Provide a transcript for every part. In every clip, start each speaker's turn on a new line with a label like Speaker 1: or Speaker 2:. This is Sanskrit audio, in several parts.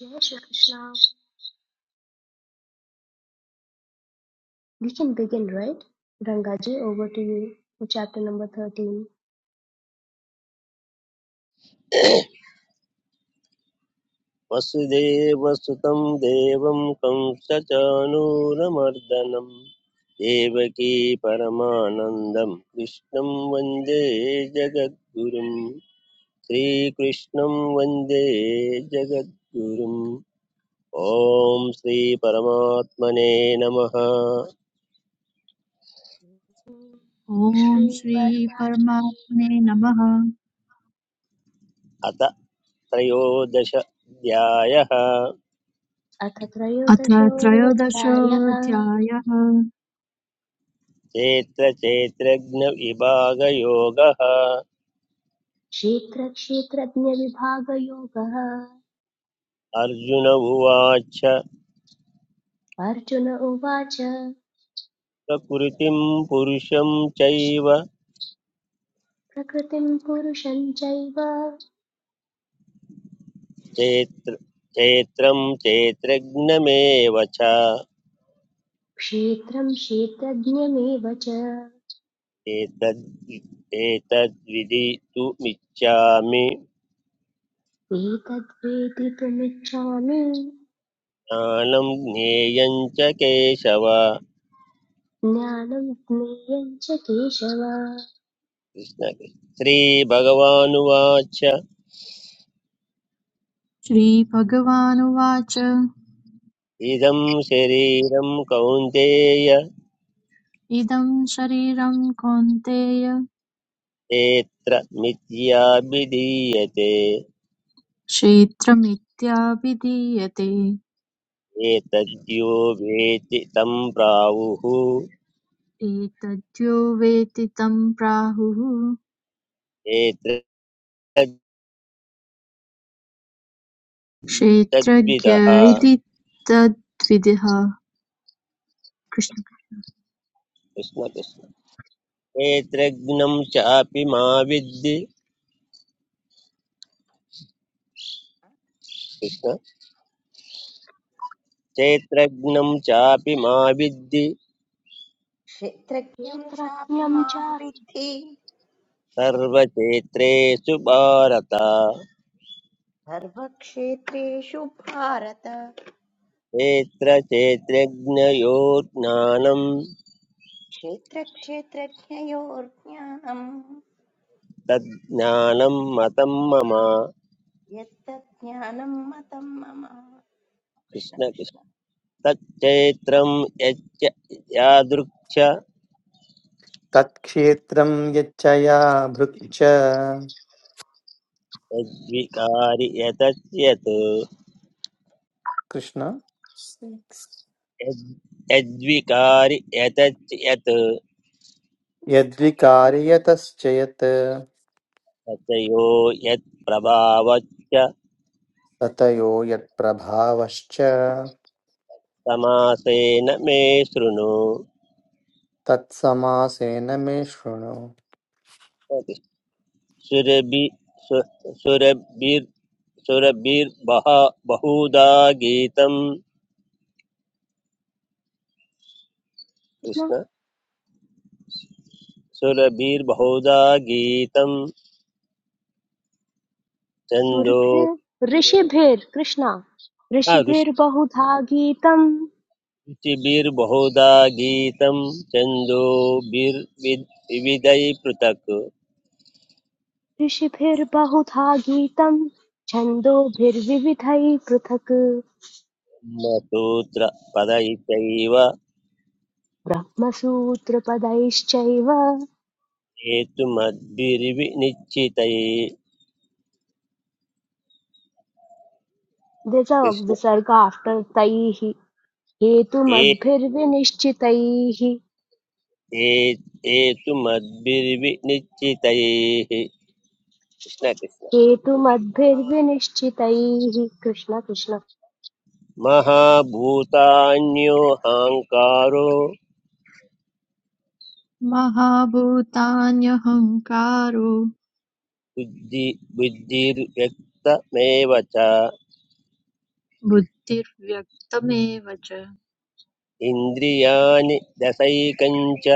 Speaker 1: जय Shri Krishna. We can begin, right? Rangaji, over to you for chapter number 13.
Speaker 2: वसुदेवसुतं देवं कंसचानूरमर्दनं देवकी परमानन्दं कृष्णं वन्दे जगद्गुरुं श्रीकृष्णं वन्दे जगद्गुरुम् ॐ श्रीपरमात्मने नमः
Speaker 3: ॐ
Speaker 1: Shri
Speaker 3: श्री
Speaker 1: Paramatmane
Speaker 3: परमात्मने नमः
Speaker 2: अथ त्रयोदशाध्यायः
Speaker 1: अथ
Speaker 3: अथ
Speaker 1: त्रयोदशोऽध्यायः
Speaker 3: त्रयोदशोऽध्यायः
Speaker 2: चेत्र चेत्रज्ञविभागयोगः
Speaker 1: क्षेत्रक्षेत्रज्ञविभागयोगः
Speaker 2: अर्जुन उवाच
Speaker 1: अर्जुन उवाच
Speaker 2: प्रकृतिं पुरुषं चैव
Speaker 1: प्रकृतिं पुरुषं चैव
Speaker 2: चेत्र चैत्रं चैत्रज्ञमेव च
Speaker 1: क्षेत्रं क्षेत्रज्ञमेव च
Speaker 2: एतद् एतद्विदितुमिच्छामि
Speaker 1: एतद्वेदितुमिच्छामि
Speaker 2: ज्ञानं ज्ञेयं च केशव
Speaker 1: ज्ञानं ज्ञेयं च केशव
Speaker 2: कृष्ण श्रीभगवानुवाच
Speaker 3: श्रीभगवानुवाच
Speaker 2: इदं शरीरं कौन्तेय
Speaker 3: इदं शरीरं कौन्तेय
Speaker 2: एत्र मिथ्याभिधीयते
Speaker 3: क्षेत्रमित्याभिधीयते
Speaker 2: एतद्यो वेति तं प्राहुः
Speaker 3: एतद्यो वेति तं प्राहुः
Speaker 2: एतद्
Speaker 3: क्षेत्रज्ञ
Speaker 2: तद्विदः
Speaker 3: इति
Speaker 2: कृष्ण
Speaker 3: तद्विदः कृष्ण
Speaker 2: कृष्ण क्षेत्रज्ञं चापि मा विद्धि कृष्ण क्षेत्रज्ञं चापि मा विद्धि
Speaker 4: क्षेत्रज्ञं चापि
Speaker 1: क्षेत्रज्ञं च
Speaker 4: मां
Speaker 1: कृष्ण
Speaker 4: विद्धि
Speaker 2: सर्वक्षेत्रेषु भारत
Speaker 4: सर्वक्षेत्रेषु भारत
Speaker 2: क्षेत्रक्षेत्रज्ञयोर्ज्ञानं
Speaker 4: क्षेत्रक्षेत्रज्ञयोर्ज्ञानम्
Speaker 2: तज्ज्ञानं मतं मम
Speaker 4: यत्तज्ज्ञानं मतं मम कृष्ण
Speaker 2: कृष्ण कृष्ण
Speaker 4: कृष्ण
Speaker 2: तच्चैत्रं यच्च यादृक्ष
Speaker 5: तत्क्षेत्रं यच्चया या भृक्च
Speaker 2: यद्विकारि यतच्यत्
Speaker 5: कृष्ण
Speaker 2: यद् यद्विकारि यतच्यत्
Speaker 5: यद्विकार्यतश्च यत्
Speaker 2: तथयो यत्प्रभावच्च
Speaker 5: ततयो यत्प्रभावश्च
Speaker 2: समासेन मे शृणु
Speaker 5: तत्समासेन मे शृणु
Speaker 2: सुरभि सु- सुरभिर् सुरभिर्बह बहुधा गीतं कृष्ण सुरभिर्बहुधा गीतं छन्दो
Speaker 1: सुरभिर् ऋषिभिर् कृष्ण
Speaker 2: आ, रुचि-
Speaker 1: ऋषिभिर्बहुधा गीतं
Speaker 2: रुचिभिर्बहुधा गीतं छन्दोभिर्विद् विविधैः पृथक्
Speaker 1: ऋषिभिर्बहुधा गीतं छन्दोभिर्विविधैः पृथक्
Speaker 2: सूत्रपदैश्चैव
Speaker 1: ब्रह्मसूत्रपदैश्चैव
Speaker 2: हेतुमद्भिर्विनिश्चितैः
Speaker 1: दिस
Speaker 2: कृष्ण
Speaker 1: विसर्ग आफ्टर् तैः
Speaker 2: ये
Speaker 1: हेतुमद्भिर्विनिश्चितैः
Speaker 2: ये एतु मद्भिर्विनिश्चितैः कृष्ण कृष्ण
Speaker 1: हेतुमद्भिर्विनिश्चितैः कृष्ण कृष्ण
Speaker 2: महाभूतान्यो हाङ्कारो
Speaker 3: महाभूतान्यहङ्कारो
Speaker 2: बुद्धि बुद्धिर्व्यक्तमेव च
Speaker 3: बुद्धिर्व्यक्तमेव च
Speaker 2: इन्द्रियाणि दशैकञ्च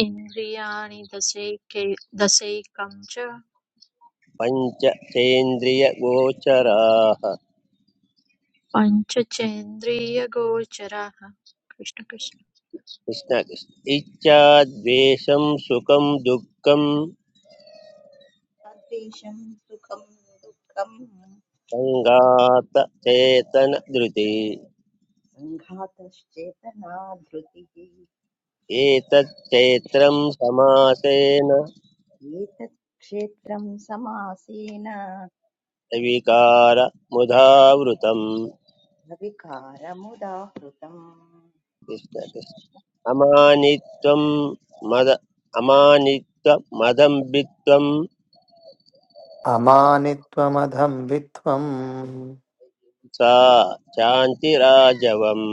Speaker 3: इन्द्रियाणि दशैके दशैकं च
Speaker 2: पञ्चचेन्द्रियगोचराः
Speaker 3: पञ्चचेन्द्रियगोचराः कृष्ण कृष्ण
Speaker 2: कृष्ण कृष्ण इच्छाद्वेषं सुखं दुःखं
Speaker 4: अद्वेषं सुखं दुःखं
Speaker 2: सङ्गात चेतन धृति
Speaker 4: सङ्घातश्चेतना धृतिः
Speaker 2: एतत् समासेन
Speaker 4: एतत् क्षेत्रं समासेन
Speaker 2: विकार मुधावृतम्
Speaker 4: विकारमुदाहृतम्
Speaker 2: कृष्ण
Speaker 4: कृष्ण
Speaker 2: कृष्ण
Speaker 4: कृष्ण।
Speaker 2: अमानित्वं मद अमानित्वमदम्बित्वं
Speaker 5: अमानित्वमधं वित्वम्
Speaker 2: सा शान्तिराजवम्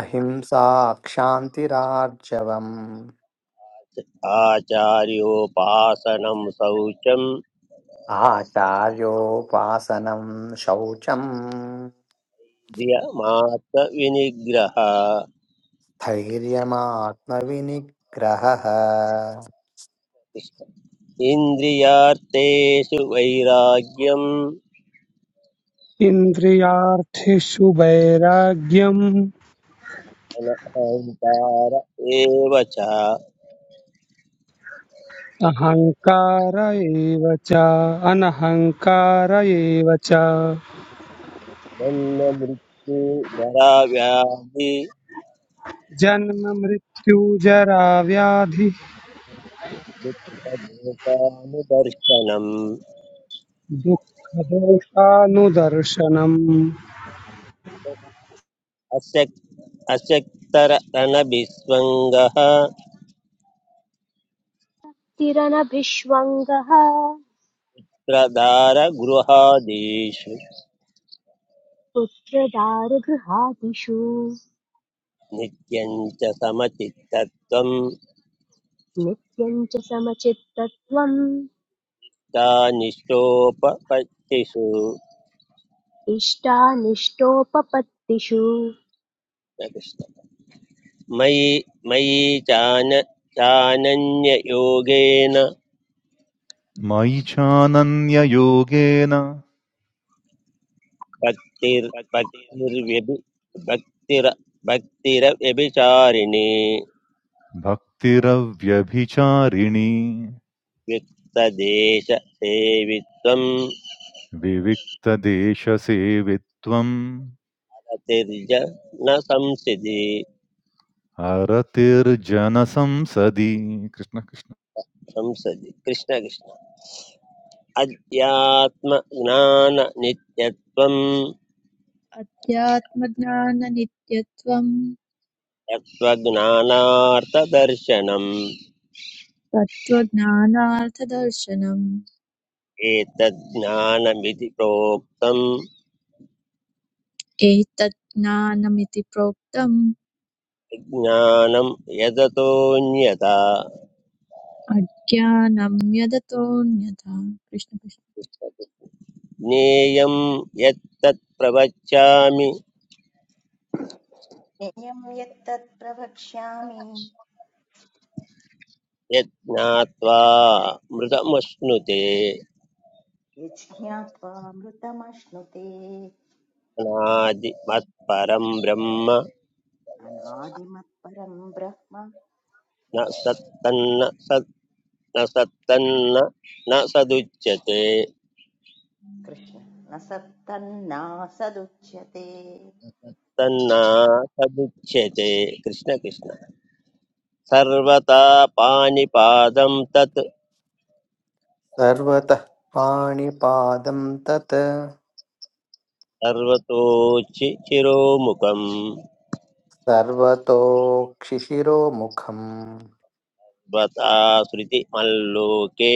Speaker 5: अहिंसा क्षान्तिरार्जवम्
Speaker 2: आचार्योपासनं शौचं
Speaker 5: आचार्योपासनं शौचम्
Speaker 2: द्रियमात्तविनिग्रह
Speaker 5: धैर्यमात्मविनिग्रहः
Speaker 2: इन्द्रियार्थेषु वैराग्यम्
Speaker 6: इन्द्रियार्थेषु वैराग्यम्
Speaker 2: अहङ्कार एव च
Speaker 6: अहङ्कार एव च अनहङ्कार एव च
Speaker 2: मल्लमृत्युधराव्याधि
Speaker 6: जन्म मृत्यु जरा व्याधि
Speaker 2: दुःखदोषानुदर्शनम्
Speaker 6: दुःख दोषानुदर्शनम्
Speaker 2: अशक् अशक्तरणभिस्वङ्गः
Speaker 1: तिरनभिष्वङ्गः
Speaker 2: प्रदारगृहादिषु
Speaker 1: पुत्रदारगृहादिषु
Speaker 2: नित्यं च समचित्तत्वं
Speaker 1: नित्यं च समचित्तत्वम्
Speaker 2: चानिष्टोपपत्तिषु
Speaker 1: इष्टानिष्टोपपत्तिषु
Speaker 2: मयि मयि चान चानन्ययोगेन
Speaker 7: मयि चानन्ययोगेन
Speaker 2: भक्तिर् भक्तिर्व्यभि भक्तिर भक्तिरव्यभिचारिणी
Speaker 7: भक्तिरव्यभिचारिणी
Speaker 2: वित्तदेश सेवित्वम्
Speaker 7: विविक्तदेशसेवित्वम्
Speaker 2: अतिर्ज न संसिदि
Speaker 7: अरतिर्जनसंसदि कृष्ण कृष्ण
Speaker 2: संसदि कृष्ण कृष्ण अध्यात्मज्ञाननित्यत्वम्
Speaker 3: अध्यात्मज्ञाननित्यत्वं
Speaker 2: तत्त्वज्ञानार्थदर्शनम्
Speaker 3: तत्त्वज्ञानार्थदर्शनम्
Speaker 2: एतज्ज्ञानमिति प्रोक्तम्
Speaker 3: एतत् ज्ञानमिति प्रोक्तम्
Speaker 2: ज्ञानम् यदतोऽन्यथा
Speaker 3: अज्ञानं यदतोऽन्यथा कृष्णकृष्ण
Speaker 2: ज्ञेयं यत्तत् प्रवक्ष्यामि
Speaker 4: ज्ञेयं यत्तत् प्रवक्ष्यामि
Speaker 2: यत् ज्ञात्वा मृतमश्नुते
Speaker 4: ये ज्ञात्वामृतमश्नुते
Speaker 2: अनादिमत्परं ब्रह्म
Speaker 4: अनादिमत्परं ब्रह्म
Speaker 2: न सत्तन्न सत् न सत्तन्न न सदुच्यते
Speaker 4: कृष्ण न सत्तन्नासदुच्यते कृष्ण
Speaker 2: तन्ना
Speaker 4: कृष्ण
Speaker 2: सदुच्यते कृष्ण कृष्ण सर्वता पाणिपादं तत्
Speaker 5: सर्वतः पाणिपादं तत्
Speaker 2: सर्वतोचि चिरोमुखं
Speaker 5: सर्वतोक्षिशिरोमुखम्
Speaker 2: स्वता श्रुतिमल्लोके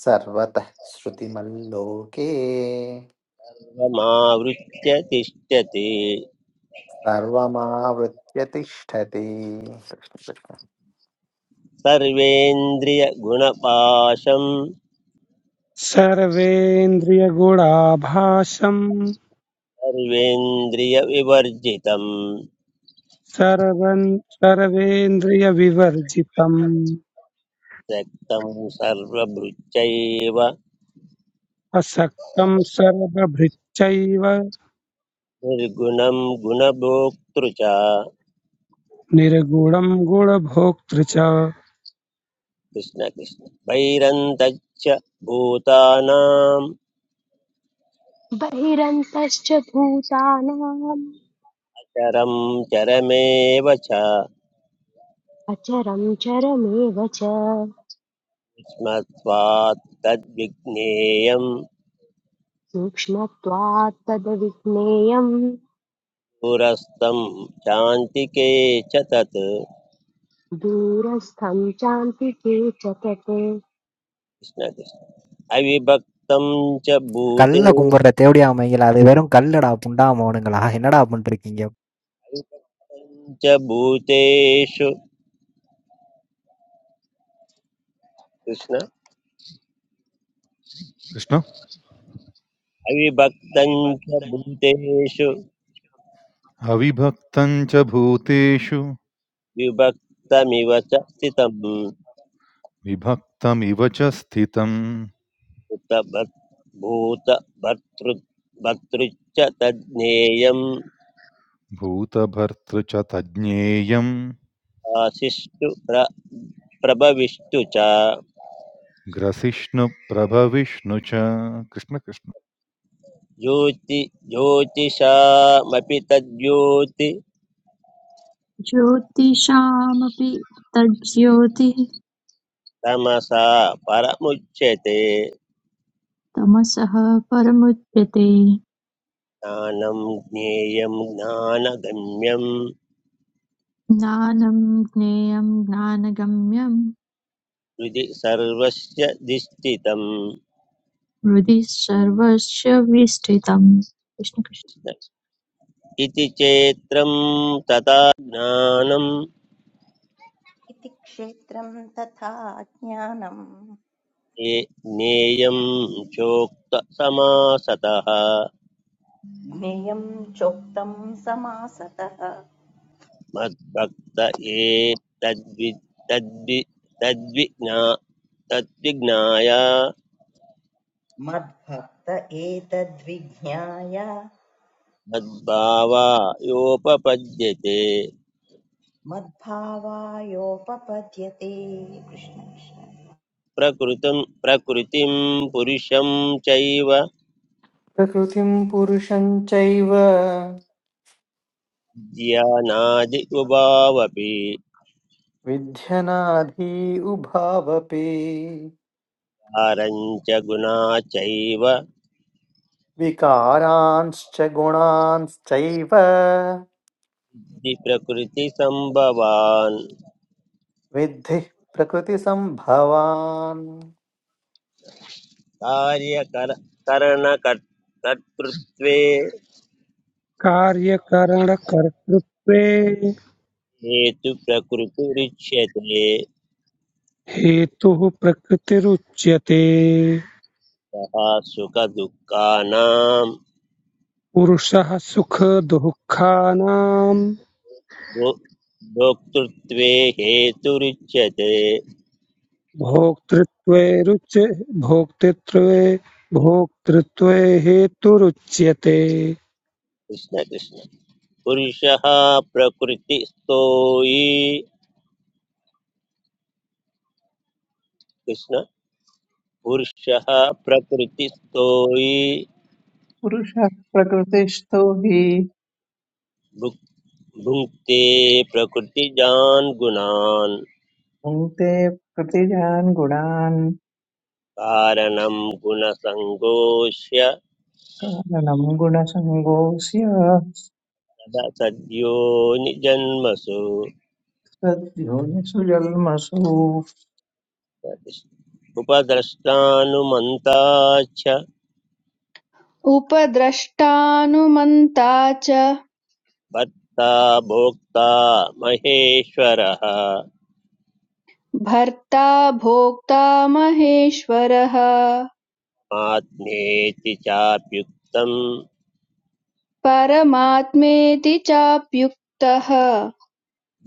Speaker 5: सर्वतः श्रुतिमल्लोके
Speaker 2: सर्वमावृत्य तिष्ठति
Speaker 5: सर्वमावृत्य तिष्ठति
Speaker 2: सर्वेन्द्रियगुणपाशं
Speaker 6: सर्वेन्द्रियगुणाभासम्
Speaker 2: सर्वेन्द्रियविवर्जितम्
Speaker 6: सर्वन् सर्वेन्द्रियविवर्जितम्
Speaker 2: त्यक्तं सर्वभृत्यैव
Speaker 6: असक्तम् सर्वभृच्चैव
Speaker 2: निर्गुणं गुणभोक्तृ च
Speaker 6: निर्गुणम् गुणभोक्तृ च
Speaker 2: कृष्णकृष्ण वैरन्तच्च भूतानां
Speaker 1: बहिरन्तश्च भूतानाम्
Speaker 2: चरं चरमेव च
Speaker 1: अचरं चरमेव च
Speaker 2: स्मत्वात् तद्विज्ञेयं
Speaker 1: सूक्ष्मत्वात् तदविज्ञेयम्
Speaker 2: पुरस्तं चान्तिके च तत्
Speaker 1: दूरस्थं चान्तिके च तत्
Speaker 2: कृष्णकृष्ण अविभक्तं च भूते
Speaker 8: கல்ல கும்பிடுற தேவடியா மைங்களா அது வெறும் கல்லுடா புண்டாமோனுங்களா என்னடா பண்ணிருக்கீங்க
Speaker 2: अविभक्तं च भूतेषु कृष्ण
Speaker 7: कृष्ण
Speaker 2: अविभक्तं च भूतेषु
Speaker 7: अविभक्तम् च भूतेषु
Speaker 2: विभक्तमिव च स्थितं
Speaker 7: विभक्तमिव च स्थितम्
Speaker 2: भूतभर्- भूतभर्तृ भर्तृच्च तज्ज्ञेयं
Speaker 7: भूतभर्तृ च तज्ज्ञेयम्
Speaker 2: आशिष्टु प्र प्रभविष्टु च
Speaker 7: ग्रसिष्णुप्रभविष्णु च कृष्ण कृष्ण
Speaker 2: ज्योति ज्योतिषामपि तद्योति
Speaker 3: ज्योतिषामपि तज्ज्योतिः
Speaker 2: तमसा परमुच्यते
Speaker 3: तमसः परमुच्यते
Speaker 2: ज्ञानं ज्ञेयं ज्ञानगम्यं
Speaker 3: ज्ञानं ज्ञेयं ज्ञानगम्यं
Speaker 2: हृदि सर्वस्य दिष्टितम्
Speaker 3: हृदि सर्वस्य विष्ठितम् कृष्ण कृष्ण
Speaker 2: इति चेत्रं तथा ज्ञानं
Speaker 4: इति क्षेत्रं तथा ज्ञानम्
Speaker 2: ने- नेयं चोक्तसमासतः
Speaker 4: ज्ञेयं चोक्तं समासतः
Speaker 2: मद्भक्त ये तद्वि तद्वि तद्विज्ञा तद्विज्ञाय
Speaker 4: मद्भक्त एतद्विज्ञाय
Speaker 2: मद्भावा योपपद्यते
Speaker 4: मद्भावायोपपद्यते कृष्ण कृष्ण
Speaker 2: प्रकृतं प्रकृतिं पुरुषं चैव
Speaker 5: प्रकृतिं पुरुषं चैव
Speaker 2: ज्ञानादि उभावपि
Speaker 5: विध्यनाधी उभावपि
Speaker 2: कारञ्च गुणा चैव
Speaker 5: विकारांश्च गुणांश्चैव
Speaker 2: प्रकृतिसम्भवान्
Speaker 5: विद्धि प्रकृतिसम्भवान्
Speaker 2: कार्यकर करणकर्तृत्वे
Speaker 6: कार्यकरणकर्तृत्वे
Speaker 2: हेतु प्रकृतिरिच्यते
Speaker 6: हेतुः प्रकृतिरुच्यते
Speaker 2: तथा सुखदुःखानां
Speaker 6: पुरुषः सुखदुःखानां
Speaker 2: भो- भोक्तृत्वे हेतुरिच्यते
Speaker 6: भोक्तृत्वे रुच भोक्तृत्वे भोक्तृत्वे हेतुरुच्यते
Speaker 2: कृष्ण कृष्ण पुरुषः प्रकृतिस्थो हि कृष्ण पुरुषः प्रकृतिस्थो हि
Speaker 9: पुरुषः प्रकृतिस्थो हि
Speaker 2: भुक्- भुङ्क्ते प्रकृतिजान् गुणान्
Speaker 9: भुङ्क्ते प्रतिजान् गुणान्
Speaker 2: कारणं गुणसङ्गोष्य
Speaker 9: नम् गुणसङ्गोऽस्य
Speaker 2: तद्यो निजन्मसु
Speaker 9: तद्योनिषु जल्मसु
Speaker 2: उपद्रष्टानुमन्ता च
Speaker 10: उपद्रष्टानुमन्ता च
Speaker 2: भर्ता भोक्ता महेश्वरः
Speaker 10: भर्ता भोक्ता महेश्वरः
Speaker 2: आत्मेति चाप्युक्तं
Speaker 10: परमात्मेति चाप्युक्तः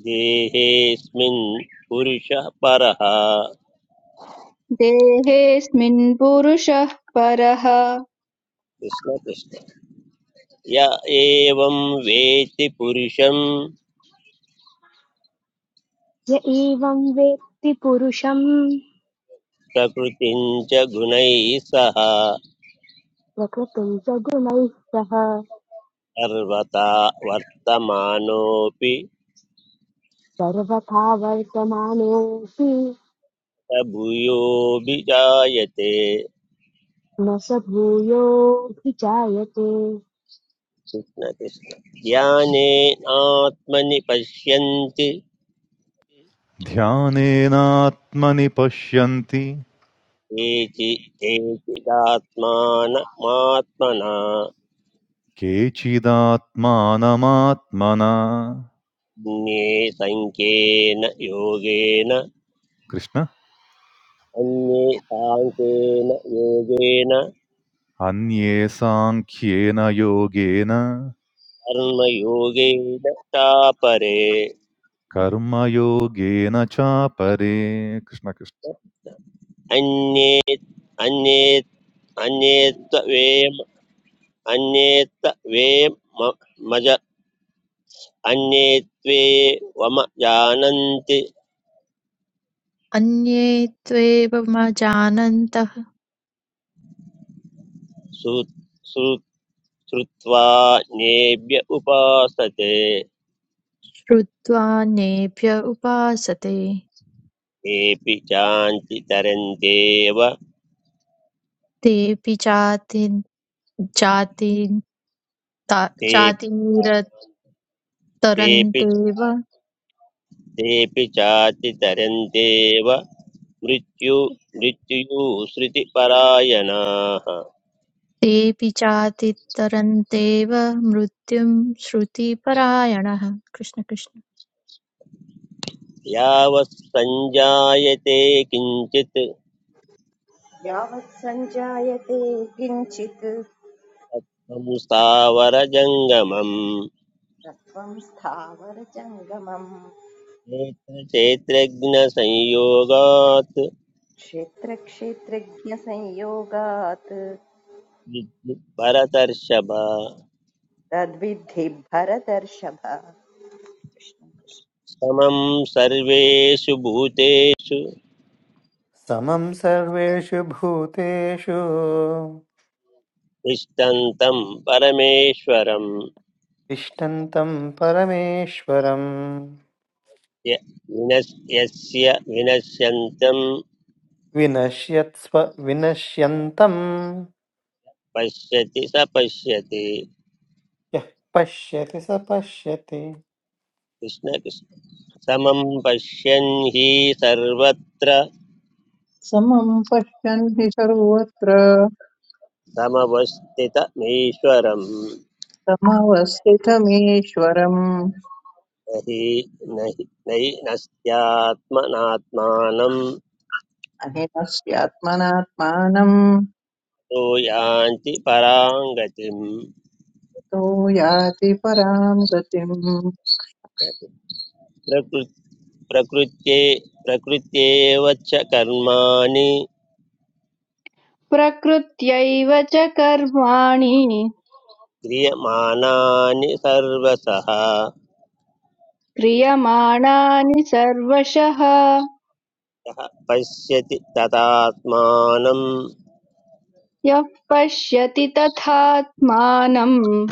Speaker 2: देहेऽस्मिन् पुरुषः परः
Speaker 10: देहेऽस्मिन् पुरुषः परः
Speaker 2: कृष्ण कृष्ण य एवं वेति पुरुषं
Speaker 1: य एवं वेत्ति पुरुषं
Speaker 2: प्रकृतिं च गुणैः सह
Speaker 1: प्रकृतिं च गुणैः सह
Speaker 2: सर्वथा वर्तमानोऽपि
Speaker 1: सर्वथा वर्तमानोऽपि
Speaker 2: भूयोऽभिजायते
Speaker 1: न स भूयोऽभिजायते
Speaker 2: कृष्ण कृष्ण ज्ञानेनात्मनि पश्यन्ति
Speaker 7: ध्यानेनात्मनि पश्यन्ति
Speaker 2: केचि केचिदात्मानमात्मना
Speaker 7: Kechida atmanamatmana,
Speaker 2: अन्ये सङ्ख्येन योगेन
Speaker 7: Krishna.
Speaker 2: अन्ये साङ्ख्येन योगेन
Speaker 7: Anyesankhya na yogena
Speaker 2: कर्मयोगेन चापरे
Speaker 7: karma yogena cha pare. Krishna,
Speaker 2: अन्ये अन्ये अन्ये त्वेम अन्ये त्वेम मज अन्ये त्वे वम जानन्ति
Speaker 3: अन्ये त्वेवमजानन्तः
Speaker 2: श्रु- श्रु- श्रुत्वा नेभ्य उपासते
Speaker 3: श्रुत्वान्येभ्य उपासते
Speaker 2: तेऽपि चान्ति तरन्त्येव
Speaker 3: तेऽपि चाति चाति
Speaker 2: ते तेऽपि
Speaker 3: चातिरतरन्तेव
Speaker 2: तेऽपि चाति तरन्त्येव मृत्यु मृत्युः श्रुतिपरायणाः
Speaker 3: तेऽपि चातितरन्तेव मृत्युं श्रुतिपरायणः कृष्ण कृष्ण
Speaker 2: यावत् सञ्जायते किञ्चित्
Speaker 4: यावत् सञ्जायते किञ्चित्
Speaker 2: संस्थावरजङ्गमम्
Speaker 4: सत्त्वं स्थावरजङ्गमम्
Speaker 2: क्षेत्रज्ञसंयोगात्
Speaker 4: क्षेत्रक्षेत्रज्ञसंयोगात्
Speaker 2: भरतर्षभ
Speaker 4: तद्विद्धि भरदर्षभ कृष्ण कृष्ण।
Speaker 2: समं सर्वेषु भूतेषु
Speaker 5: समं सर्वेषु भूतेषु
Speaker 2: तिष्ठन्तं परमेश्वरं
Speaker 5: तिष्ठन्तं परमेश्वरं
Speaker 2: य- विनश्- यस्य विनश्यन्तं
Speaker 5: विनश्यत्स्व विनश्यन्तं
Speaker 2: पश्यति स पश्यति
Speaker 5: यः पश्यति स पश्यति
Speaker 2: कृष्ण कृष्ण समं पश्यन् हि सर्वत्र
Speaker 9: समम् पश्यन् हि सर्वत्र
Speaker 2: समवस्थितमीश्वरं
Speaker 9: समवस्थितमीश्वरम्
Speaker 2: न हि न हि नहि नस्त्यात्मनात्मानं
Speaker 9: अहिनस्यात्मनात्मानम्
Speaker 2: तो यान्ति
Speaker 9: तो याति पराम् गतिम्
Speaker 2: पराङ्गतिम् प्रकृत्ये प्रकृत्येव च कर्माणि
Speaker 10: प्रकृत्यैव च कर्माणि
Speaker 2: क्रियमाणानि सर्वसः
Speaker 10: क्रियमाणानि सर्वशः
Speaker 2: यः पश्यति तदात्मानं
Speaker 10: यः पश्यति तथात्मानम्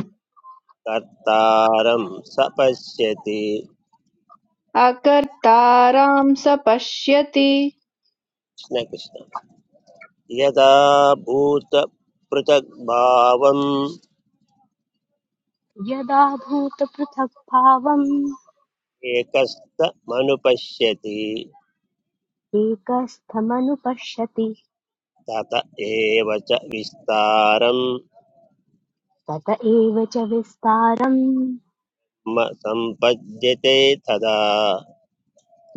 Speaker 2: कर्तारं स पश्यति
Speaker 10: अकर्तारां स पश्यति
Speaker 2: कृष्णकृष्ण यदा भूतपृथग्भावम्
Speaker 1: यदा भूतपृथक्भावम्
Speaker 2: एकस्तमनुपश्यति
Speaker 1: एकस्थमनुपश्यति
Speaker 2: तत एव च विस्तारं
Speaker 1: तत एव च विस्तारम्
Speaker 2: म सम्पद्यते तदा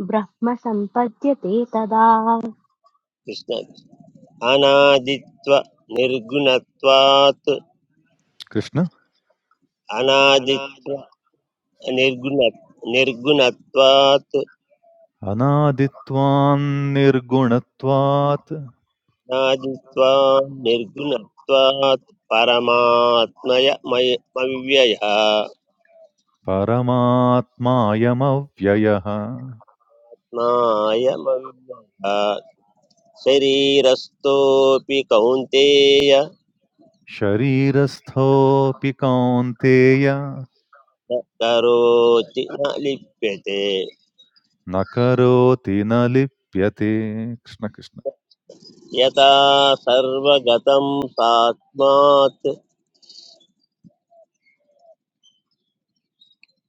Speaker 1: ब्रह्म सम्पद्यते तदा
Speaker 2: कृष्ण अनादित्व निर्गुणत्वात्
Speaker 7: Krishna.
Speaker 2: अनादित्व निर्गुण निर्गुणत्वात्
Speaker 7: Anaditvam nirgunatvate
Speaker 2: अनादित्वा निर्गुणत्वात् परमात्मय मय- मव्ययः
Speaker 7: paramatma yam avyaya.
Speaker 2: नायमव्ययः शरीरस्थोऽपि Kaunteya
Speaker 7: Sharirastho pi kaunteya
Speaker 2: न करोति न लिप्यते
Speaker 7: nakaroti na lipya te. Krishna, Krishna.
Speaker 2: यथा सर्वगतं सात्मात्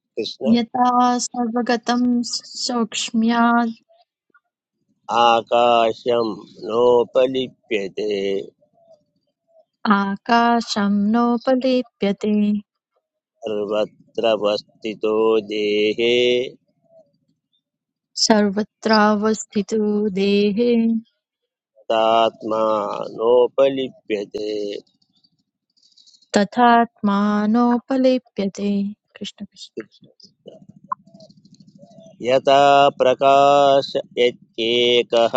Speaker 2: कृष्ण
Speaker 3: यथा सर्वगतं सौक्ष्म्यात्
Speaker 2: आकाशं नोपलिप्यते
Speaker 3: आकाशं नोपलिप्यते
Speaker 2: सर्वत्र वस्थितो देहे
Speaker 3: सर्वत्रावस्थितो देहे
Speaker 2: तात्मा नोपलिप्यते
Speaker 3: तथात्मानोपलिप्यते कृष्ण कृष्ण
Speaker 2: यथा प्रकाश यत्येकः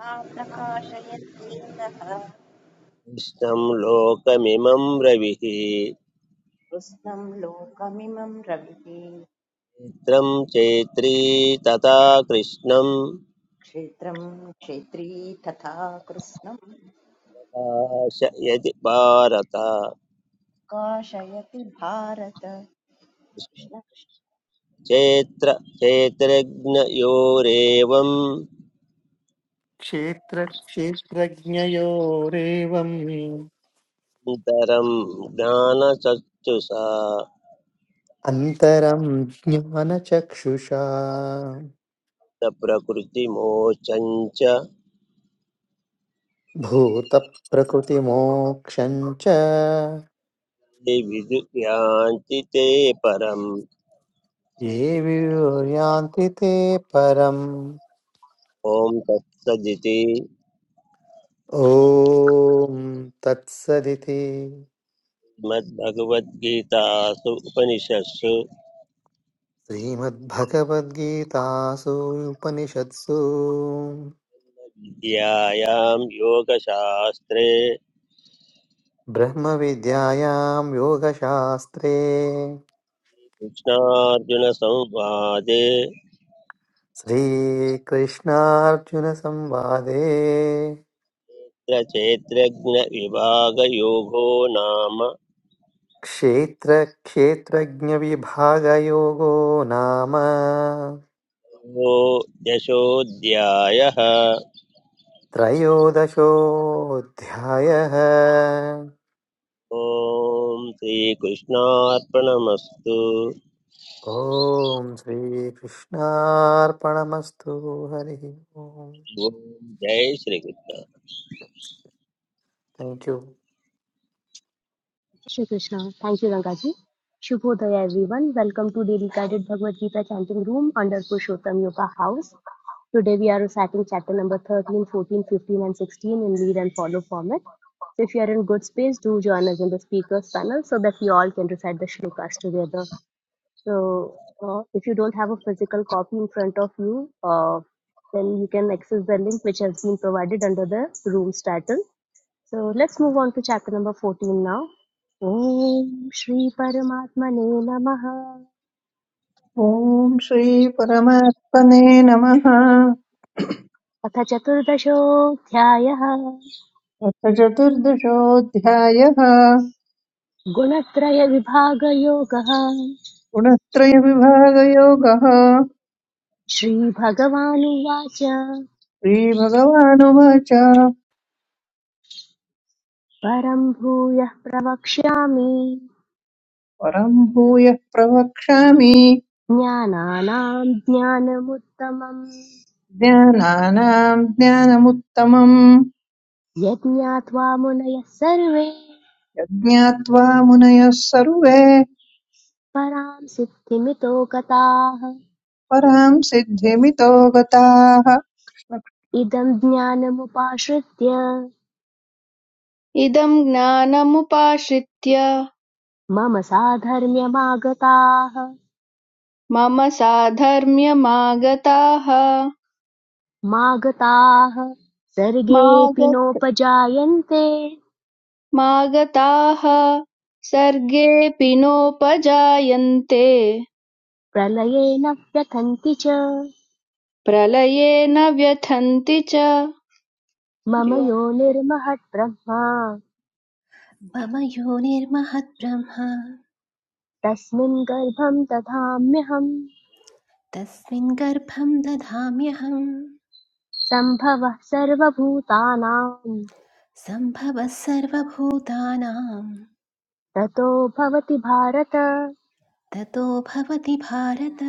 Speaker 4: सा प्रकाशयन्नेह
Speaker 2: कृष्णं लोकमिमं रविः चित्रं
Speaker 4: कृत्स्नं लोकमिमं रविः
Speaker 2: चैत्री तथा कृष्णं
Speaker 4: क्षेत्रं क्षेत्री तथा कृत्स्नं
Speaker 2: प्रकाशयति भारत
Speaker 4: प्रकाशयति भारत कृष्ण कृष्ण
Speaker 2: चैत्र
Speaker 5: क्षेत्रक्षेत्रज्ञयोरेवम्
Speaker 2: नितरं ज्ञानचक्षुषा
Speaker 5: अन्तरं ज्ञानचक्षुषा
Speaker 2: न प्रकृतिमोचञ्च
Speaker 5: भूतप्रकृतिमोक्षं च
Speaker 2: विदुयान्ति ते परम्
Speaker 5: ये वियुर्यान्ति ते परम्
Speaker 2: ॐ तत्सदिति
Speaker 5: ॐ तत्सदिति
Speaker 2: श्रीमद्भगवद्गीतासु उपनिषत्सु
Speaker 5: श्रीमद्भगवद्गीतासु उपनिषत्सु
Speaker 2: विद्यायां योगशास्त्रे
Speaker 5: ब्रह्मविद्यायां योगशास्त्रे
Speaker 2: कृष्णार्जुनसंवादे
Speaker 5: श्रीकृष्णार्जुनसंवादे
Speaker 2: क्षेत्रज्ञविभागयोगो नाम
Speaker 5: क्षेत्रक्षेत्रज्ञविभागयोगो नाम
Speaker 2: द्वयोदशोऽध्यायः
Speaker 5: त्रयोदशोऽध्यायः
Speaker 2: ॐ श्रीकृष्णार्पणमस्तु
Speaker 5: ॐ श्रीकृष्णार्पणमस्तु हरिः ॐ
Speaker 2: ॐ जय Shri Krishna
Speaker 5: thank you
Speaker 1: Shri Krishna thank you Ranga ji शुभोदय everyone welcome to daily guided Bhagavad Gita chanting room under Purushottam yoga house Today we are reciting chapter number 13, 14, 15, and 16 in lead and follow format. So if you are in good space, do join us in the speakers panel so that we all can recite the shlokas together. So uh, if you don't have a physical copy in front of you, uh, then you can access the link which has been provided under the room's title. So let's move on to chapter number 14 now. Om Shri श्रीपरमात्मने नमः
Speaker 9: ॐ श्रीपरमात्मने नमः
Speaker 1: अथ चतुर्दशोऽध्यायः
Speaker 9: अथ चतुर्दशोऽध्यायः
Speaker 1: गुणत्रयविभागयोगः
Speaker 9: गुणत्रयविभागयोगः
Speaker 1: श्रीभगवानुवाच
Speaker 9: श्रीभगवानुवाच
Speaker 1: परम् भूयः प्रवक्ष्यामि
Speaker 9: परं भूयः प्रवक्ष्यामि
Speaker 1: ज्ञानानाम् ज्ञानमुत्तमम्
Speaker 9: ज्ञानानां ज्ञानमुत्तमम्
Speaker 1: यज्ञात्वा मुनयः सर्वे
Speaker 9: यज्ञात्वा मुनयः सर्वे
Speaker 1: पराम् सिद्धिमितो गताः
Speaker 9: परां सिद्धिमितो गताः
Speaker 1: इदम् ज्ञानमुपाश्रित्य
Speaker 10: इदं ज्ञानमुपाश्रित्य
Speaker 1: मम साधर्म्यमागताः
Speaker 10: मम साधर्म्यमागताः
Speaker 1: मागताः सर्गेऽपि
Speaker 10: मागत
Speaker 1: नोपजायन्ते
Speaker 10: मागताः सर्गेऽपि नोपजायन्ते
Speaker 1: प्रलये न व्यथन्ति च
Speaker 10: प्रलये न व्यथन्ति च
Speaker 1: मम योनिर्महद्ब्रह्मा
Speaker 11: मम योनिर्महद्ब्रह्म
Speaker 1: तस्मिन् गर्भं दधाम्यहम्
Speaker 11: तस्मिन् गर्भं दधाम्यहं
Speaker 1: सम्भवः सर्वभूतानां
Speaker 11: सम्भवः सर्वभूतानां
Speaker 1: ततो भवति भारत
Speaker 11: ततो भवति Bharata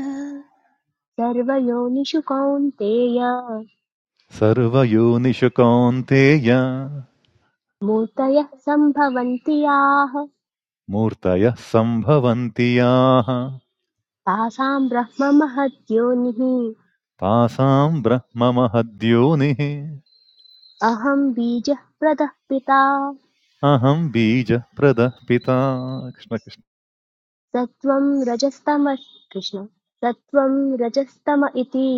Speaker 1: सर्वयोनिषु Kaunteya
Speaker 7: Sarva yo ni shakunteya.
Speaker 1: मूर्तयः सम्भवन्ति याः
Speaker 7: Murtaya sambhavanti yaah,
Speaker 1: तासां ब्रह्म महद्योनिः
Speaker 7: tasma brahma mahadyonee.
Speaker 1: अहं बीजः प्रदः पिता
Speaker 7: Aham bija pradapita Krishna Krishna.
Speaker 1: सत्त्वं रजस्तम कृष्ण सत्त्वं रजस्तम इति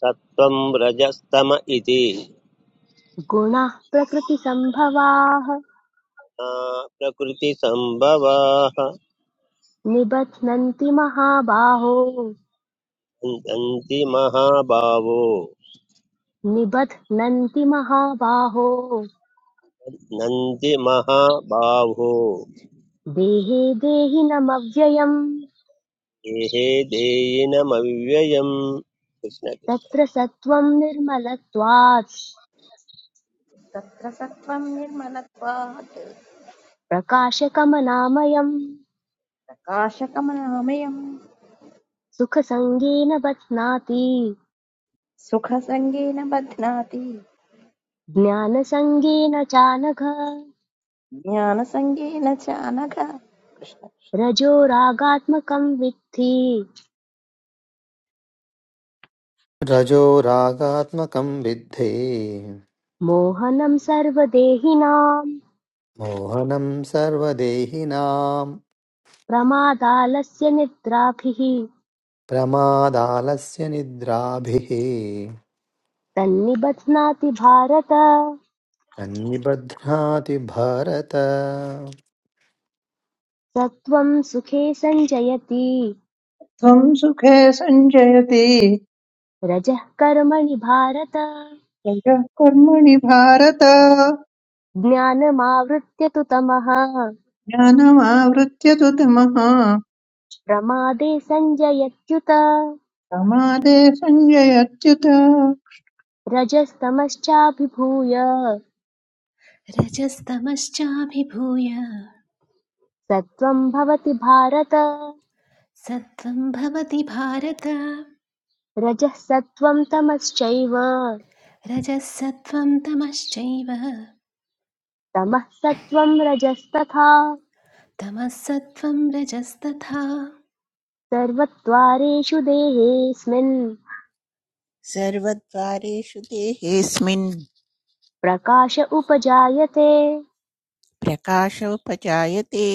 Speaker 2: सत्त्वं रजस्तम इति
Speaker 1: गुणाः प्रकृतिसम्भवाः
Speaker 2: ना प्रकृतिसम्भवाः
Speaker 1: निबध्नन्ति महाबाहो
Speaker 2: नन्ति महाभावो
Speaker 1: निबध्नन्ति महाबाहो
Speaker 2: नन्ति महाबाहो
Speaker 1: देहे देहिनमव्ययम्
Speaker 2: देहे देयिनमव्ययम् कृष्णकृष्ण
Speaker 1: तत्र सत्त्वम् निर्मलत्वात्
Speaker 4: तत्र सत्त्वं निर्मलत्वात्
Speaker 1: प्रकाशकमनामयम्
Speaker 4: प्रकाशकमनामयम्
Speaker 1: सुखसङ्गेन बध्नाति
Speaker 4: सुखसङ्गेन बध्नाति
Speaker 1: ज्ञानसङ्गेन चानघ
Speaker 4: ज्ञानसङ्गेन च अनघ कृष्ण कृष्ण।
Speaker 1: रजोरागात्मकं विद्धि
Speaker 5: रजो रागात्मकं विद्धि
Speaker 1: मोहनं सर्वदेहिनां
Speaker 5: मोहनं सर्वदेहिनां
Speaker 1: प्रमादालस्य निद्राभिः
Speaker 5: प्रमादालस्य निद्राभिः
Speaker 1: तन्निबध्नाति भारत
Speaker 5: तन्निबध्नाति भारत
Speaker 1: सत्त्वं सुखे सञ्जयति
Speaker 9: त्वं सुखे सञ्जयति
Speaker 1: रजः कर्मणि भारत
Speaker 9: यजः कर्मणि भारत
Speaker 1: ज्ञानमावृत्य तु तमः
Speaker 9: ज्ञानमावृत्य तु तमः
Speaker 1: प्रमादे सञ्जयत्युत
Speaker 9: प्रमादे सञ्जयत्युत
Speaker 1: रजस्तमश्चाभिभूय
Speaker 11: रजस्तमश्चाभिभूय
Speaker 1: सत्त्वं भवति भारत
Speaker 11: सत्त्वं भवति भारत
Speaker 1: रजः सत्त्वं तमश्चैव
Speaker 11: रजः सत्त्वं तमश्चैव
Speaker 1: तमः सत्त्वं रजस्तथा
Speaker 11: तमः सत्त्वं रजस्तथा
Speaker 1: सर्वत्वारेषु देहेऽस्मिन्
Speaker 12: सर्वद्वारेषु देहेऽस्मिन्
Speaker 1: प्रकाश उपजायते
Speaker 12: प्रकाशोपजायते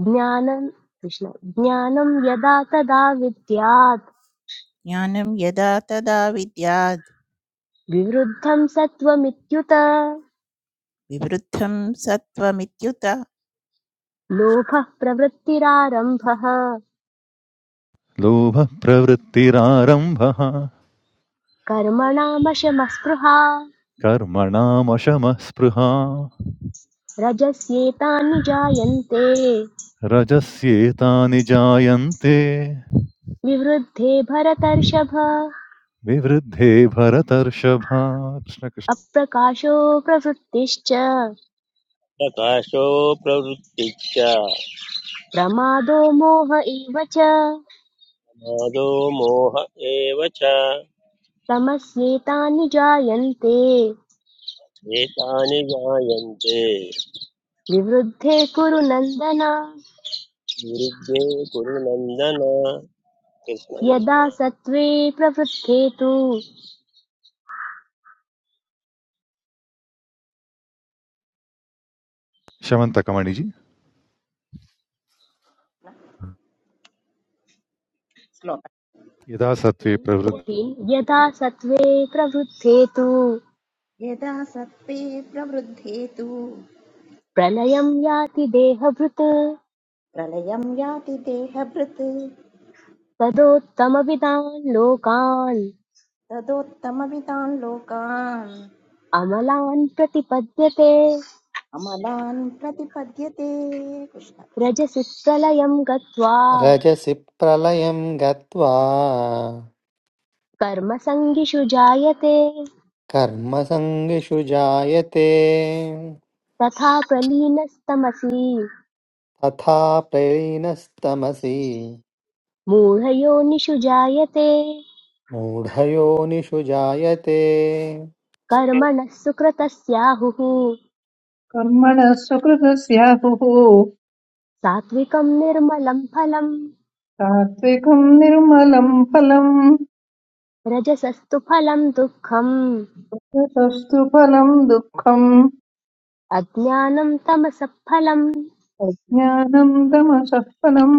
Speaker 1: ज्ञानं कृष्ण ज्ञानं यदा तदा विद्यात्
Speaker 12: ज्ञानं यदा तदा विद्याद्
Speaker 1: विवृद्धं सत्त्वमित्युत
Speaker 12: विवृद्धं सत्त्वमित्युत
Speaker 1: लोभः प्रवृत्तिरारम्भः
Speaker 7: Luba pravrtir aram bah,
Speaker 1: कर्मणामशमस्पृहा
Speaker 7: karma namasha maspraha.
Speaker 1: रजस्येतानि जायन्ते
Speaker 7: Rajasye taanija yante,
Speaker 1: विवृद्धे भरतर्षभ
Speaker 7: vivrde bhartarshah. Krishna Krishna.
Speaker 1: अप्रकाशो प्रवृत्तिश्च
Speaker 2: प्रकाशो प्रवृत्तिश्च
Speaker 1: प्रमादो मोह एव च
Speaker 2: मादो मोह एव च
Speaker 1: तमस्येतानि जायन्ते
Speaker 2: एतानि जायन्ते
Speaker 1: विवृद्धे कुरु नन्दन
Speaker 2: निरुद्धे कुरु नन्दन कृष्ण
Speaker 1: यदा
Speaker 2: कृष्ण
Speaker 1: सत्त्वे प्रवृद्धे तु
Speaker 7: Shyamanta Kamaniji,
Speaker 4: श्लोक
Speaker 7: yada sattve pravrt,
Speaker 1: कोटिन् यदा सत्त्वे प्रवृद्धे तु
Speaker 4: यदा सत्त्वे प्रवृद्धे तु
Speaker 1: प्रलयं याति देहभृत्
Speaker 4: प्रलयं याति देहभृत्
Speaker 1: तदोत्तमविदान् लोकान्
Speaker 4: तदोत्तमवितान् लोकान्
Speaker 1: अमलान् प्रतिपद्यते
Speaker 4: अमलान् प्रतिपद्यते कृष्ण कृष्ण
Speaker 1: रजसि प्रलयं गत्वा
Speaker 5: रजसि प्रलयं गत्वा
Speaker 1: कर्मसङ्गिषु जायते
Speaker 5: कर्मसङ्गिषु जायते
Speaker 1: तथा प्रलीनस्तमसि
Speaker 5: तथा प्रलीनस्तमसि
Speaker 1: मूढयोनिषु जायते
Speaker 5: मूढयोनिषु जायते
Speaker 1: कर्मणः सुकृतस्याहुः
Speaker 9: कर्मणः सुकृतस्याहुः
Speaker 1: सात्विकं निर्मलं फलम्
Speaker 9: सात्विकम् निर्मलम् फलम्
Speaker 1: रजसस्तु फलं दुःखम्
Speaker 9: ततस्तु फलम् दुःखम्
Speaker 1: अज्ञानं तमसः फलं
Speaker 9: अज्ञानम् तमसः फलम्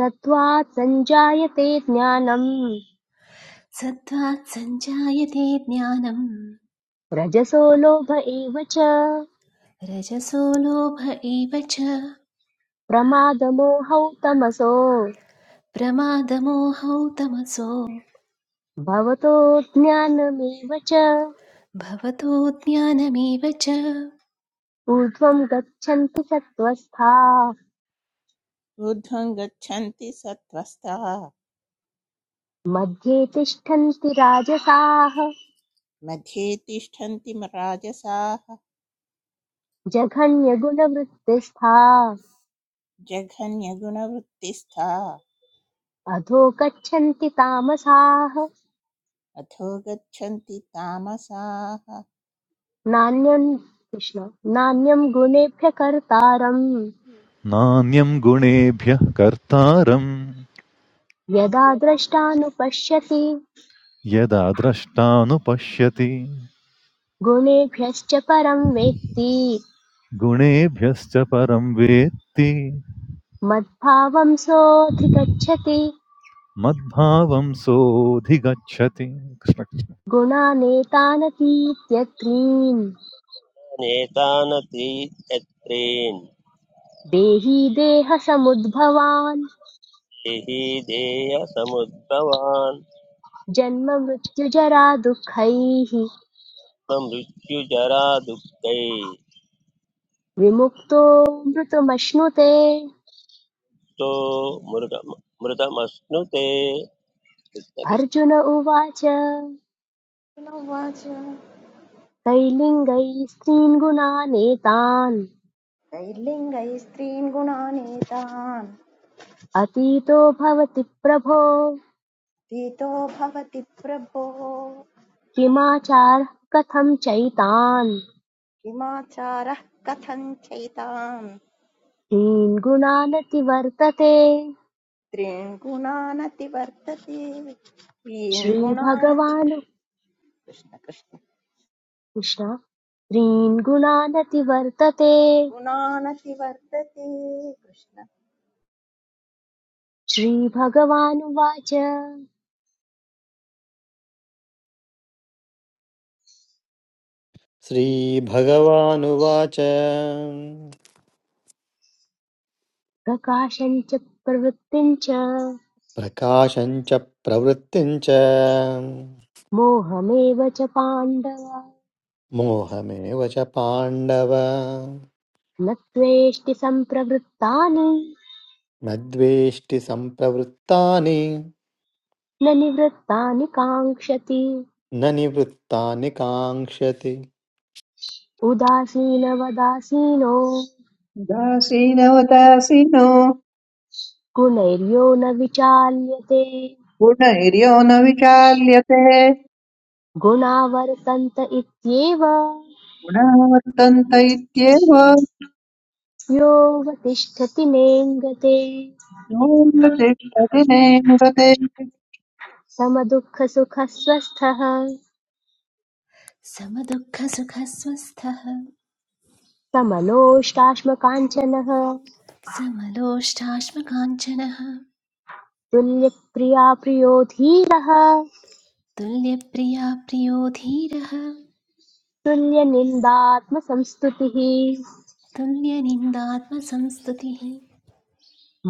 Speaker 1: सत्त्वात् सञ्जायते ज्ञानम्
Speaker 11: सत्त्वात् सञ्जायते ज्ञानं
Speaker 1: रजसो लोभ एव च
Speaker 11: रजसो लोभ एव च
Speaker 1: प्रमादमोहौ तमसो
Speaker 11: प्रमादमोहौ तमसो
Speaker 1: भवतो ज्ञानमेव च
Speaker 11: भवतोज्ञानमेव च
Speaker 1: ऊर्ध्वं गच्छन्ति सत्त्वस्था
Speaker 12: ऊर्ध्वं गच्छन्ति सत्त्वस्ताः
Speaker 1: मध्ये तिष्ठन्ति राजसाः
Speaker 12: मध्ये तिष्ठन्ति म- राजसाः
Speaker 1: जघन्यगुणवृत्तिस्था
Speaker 12: जघन्यगुणवृत्तिस्था
Speaker 1: अधो गच्छन्ति तामसाः
Speaker 12: अधो गच्छन्ति तामसाः
Speaker 1: नान्यं कृष्ण नान्यं गुणेभ्यः कर्तारं
Speaker 7: na nyam gune bhya kartaram,
Speaker 1: यदा द्रष्टानुपश्यति
Speaker 7: yeda adrastano pasyati.
Speaker 1: गुणेभ्यश्च परं वेत्ति
Speaker 7: गुणेभ्यश्च परं वेत्ति
Speaker 1: मद्भावं सोऽधिगच्छति
Speaker 7: मद्भावं सोऽधिगच्छति कृष्ण कृष्ण।
Speaker 1: गुणानेतानतीत्यत्रीन्
Speaker 2: नेतान् त्रियत्रेन्
Speaker 1: देही देहसमुद्भवान्
Speaker 2: हि देहसमुद्भवान्
Speaker 1: जन्म मृत्युजरा दुःखैः
Speaker 2: मृत्युजरा दुःखैस्तो
Speaker 1: विमुक्तो मृतुमश्नुते
Speaker 2: मृग मृतमश्नुते कृष्ण कृष्ण
Speaker 1: अर्जुन उवाच
Speaker 4: अर्जुन उवाच
Speaker 1: कैलिङ्गैस्त्रीन् गुणानेतान्
Speaker 4: दैर्लिङ्गैस्त्रीन् गुणानेतान्
Speaker 1: अतीतो भवति प्रभो
Speaker 4: तीतो भवति प्रभो
Speaker 1: किमाचारः कथं चैतान्
Speaker 4: किमाचारः कथं चैतान्
Speaker 1: दीन् गुणानतिवर्तते
Speaker 4: त्रीन् गुणानतिवर्तते त्रीन् गुणानति
Speaker 1: श्रीभगवान्
Speaker 4: कृष्ण कृष्ण
Speaker 1: कृष्ण दीन् गुणानतिवर्तते
Speaker 4: गुणानतिवर्तते कृष्ण
Speaker 1: श्रीभगवानुवाच
Speaker 5: श्रीभगवानुवाच
Speaker 1: प्रकाशम् च प्रवृत्तिम् च
Speaker 5: प्रकाशं च प्रवृत्तिं च
Speaker 1: मोहमेव च पाण्डव
Speaker 5: मोहमेव च पाण्डव
Speaker 1: न त्वेष्टि सम्प्रवृत्तानि
Speaker 5: न द्वेष्टि सम्प्रवृत्तानि
Speaker 1: न निवृत्तानि काङ्क्षति
Speaker 5: न निवृत्तानि काङ्क्षति
Speaker 1: उदासीनवदासीनो
Speaker 9: उदासीनवदासीनो
Speaker 1: गुणैर्यो न विचाल्यते
Speaker 9: गुणैर्यो न विचाल्यते
Speaker 1: गुणा इत्येव
Speaker 9: गुणाः वर्तन्त इत्येव
Speaker 1: योऽवतिष्ठति नेङ्गते
Speaker 9: योगशिष्टदिनेङ्गते
Speaker 1: समदुःखसुखस्वस्थः
Speaker 11: समदुःखसुखस्वस्थः
Speaker 1: समलोष्टाश्मकाञ्चनः
Speaker 11: समलोष्टाश्मकाञ्चनः
Speaker 1: तुल्यप्रिया प्रियो धीरः
Speaker 11: तुल्यप्रिया प्रियो धीरः
Speaker 1: तुल्यनिन्दात्मसंस्तुतिः
Speaker 11: तुल्यनिन्दात्मसंस्तुतिः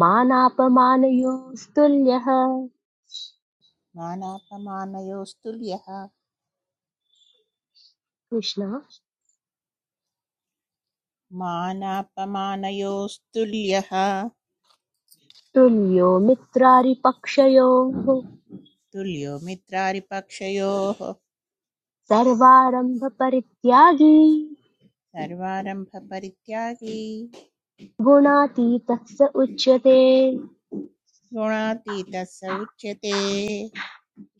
Speaker 1: मानापमानयोस्तुल्यः
Speaker 12: मानापमानयोस्तुल्यः
Speaker 1: कृष्ण
Speaker 12: मानापमानयोस्तुल्यः
Speaker 1: तुल्यो मित्रारिपक्षयोः
Speaker 12: तुल्यो मित्रारिपक्षयोः
Speaker 1: सर्वारम्भपरित्यागी
Speaker 12: सर्वारम्भपरित्यागी
Speaker 1: गुणातीतः स उच्यते
Speaker 12: गुणातीतः स उच्यते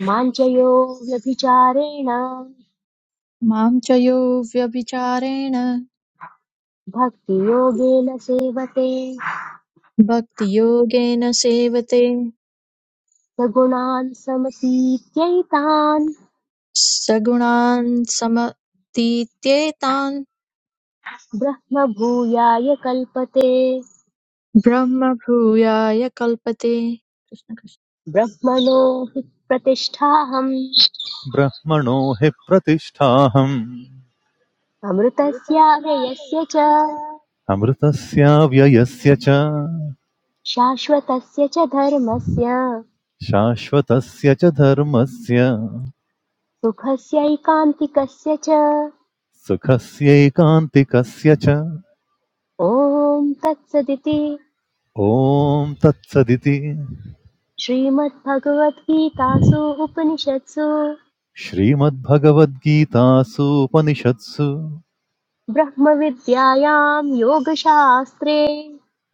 Speaker 1: माञ्चयो व्यभिचारेण
Speaker 3: मां च यो व्यभिचारेण
Speaker 1: भक्तियोगेन सेवते
Speaker 3: भक्तियोगेन सेवते
Speaker 1: स गुणान् समतीत्यैतान्
Speaker 3: सगुणान् समतीत्येतान्
Speaker 1: ब्रह्मभूयाय कल्पते
Speaker 3: ब्रह्म भूयाय कल्पते कृष्ण कृष्ण
Speaker 1: ब्रह्मणो हि प्रतिष्ठाहम्
Speaker 7: ब्रह्मणो हि प्रतिष्ठाहम्
Speaker 1: अमृतस्याव्ययस्य च
Speaker 7: अमृतस्याव्ययस्य च
Speaker 1: शाश्वतस्य च धर्मस्य
Speaker 7: शाश्वतस्य च धर्मस्य
Speaker 1: सुखस्यैकान्तिकस्य च
Speaker 7: सुखस्यैकान्तिकस्य च
Speaker 1: ॐ तत्सदिति
Speaker 7: ॐ तत्सदिति
Speaker 1: श्रीमद्भगवद्गीतासु उपनिषत्सु
Speaker 7: श्रीमद्भगवद्गीतासूपनिषत्सु
Speaker 1: ब्रह्मविद्यायां योगशास्त्रे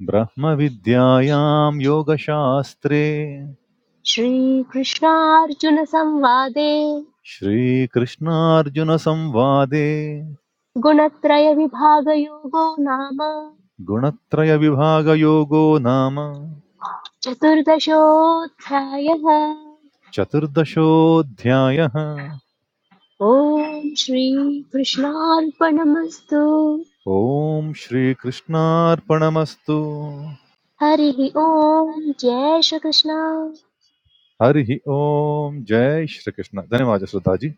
Speaker 7: ब्रह्मविद्यायां योगशास्त्रे
Speaker 1: श्रीकृष्णार्जुनसंवादे
Speaker 7: Shri Krishna Arjuna Samvade
Speaker 1: गुणत्रयविभागयोगो नाम
Speaker 7: Gunatraya Vibhaga Yoga nama
Speaker 1: चतुर्दशोऽध्यायः
Speaker 7: Chaturdasha Odhyaaya H
Speaker 1: ॐ श्रीकृष्णार्पणमस्तु
Speaker 7: Om Shri Krishna Arpanamstu
Speaker 1: हरिः ॐ जय Shri Krishna
Speaker 7: Hari Om Jay Shri Krishna. Dene wajas, sir Daji.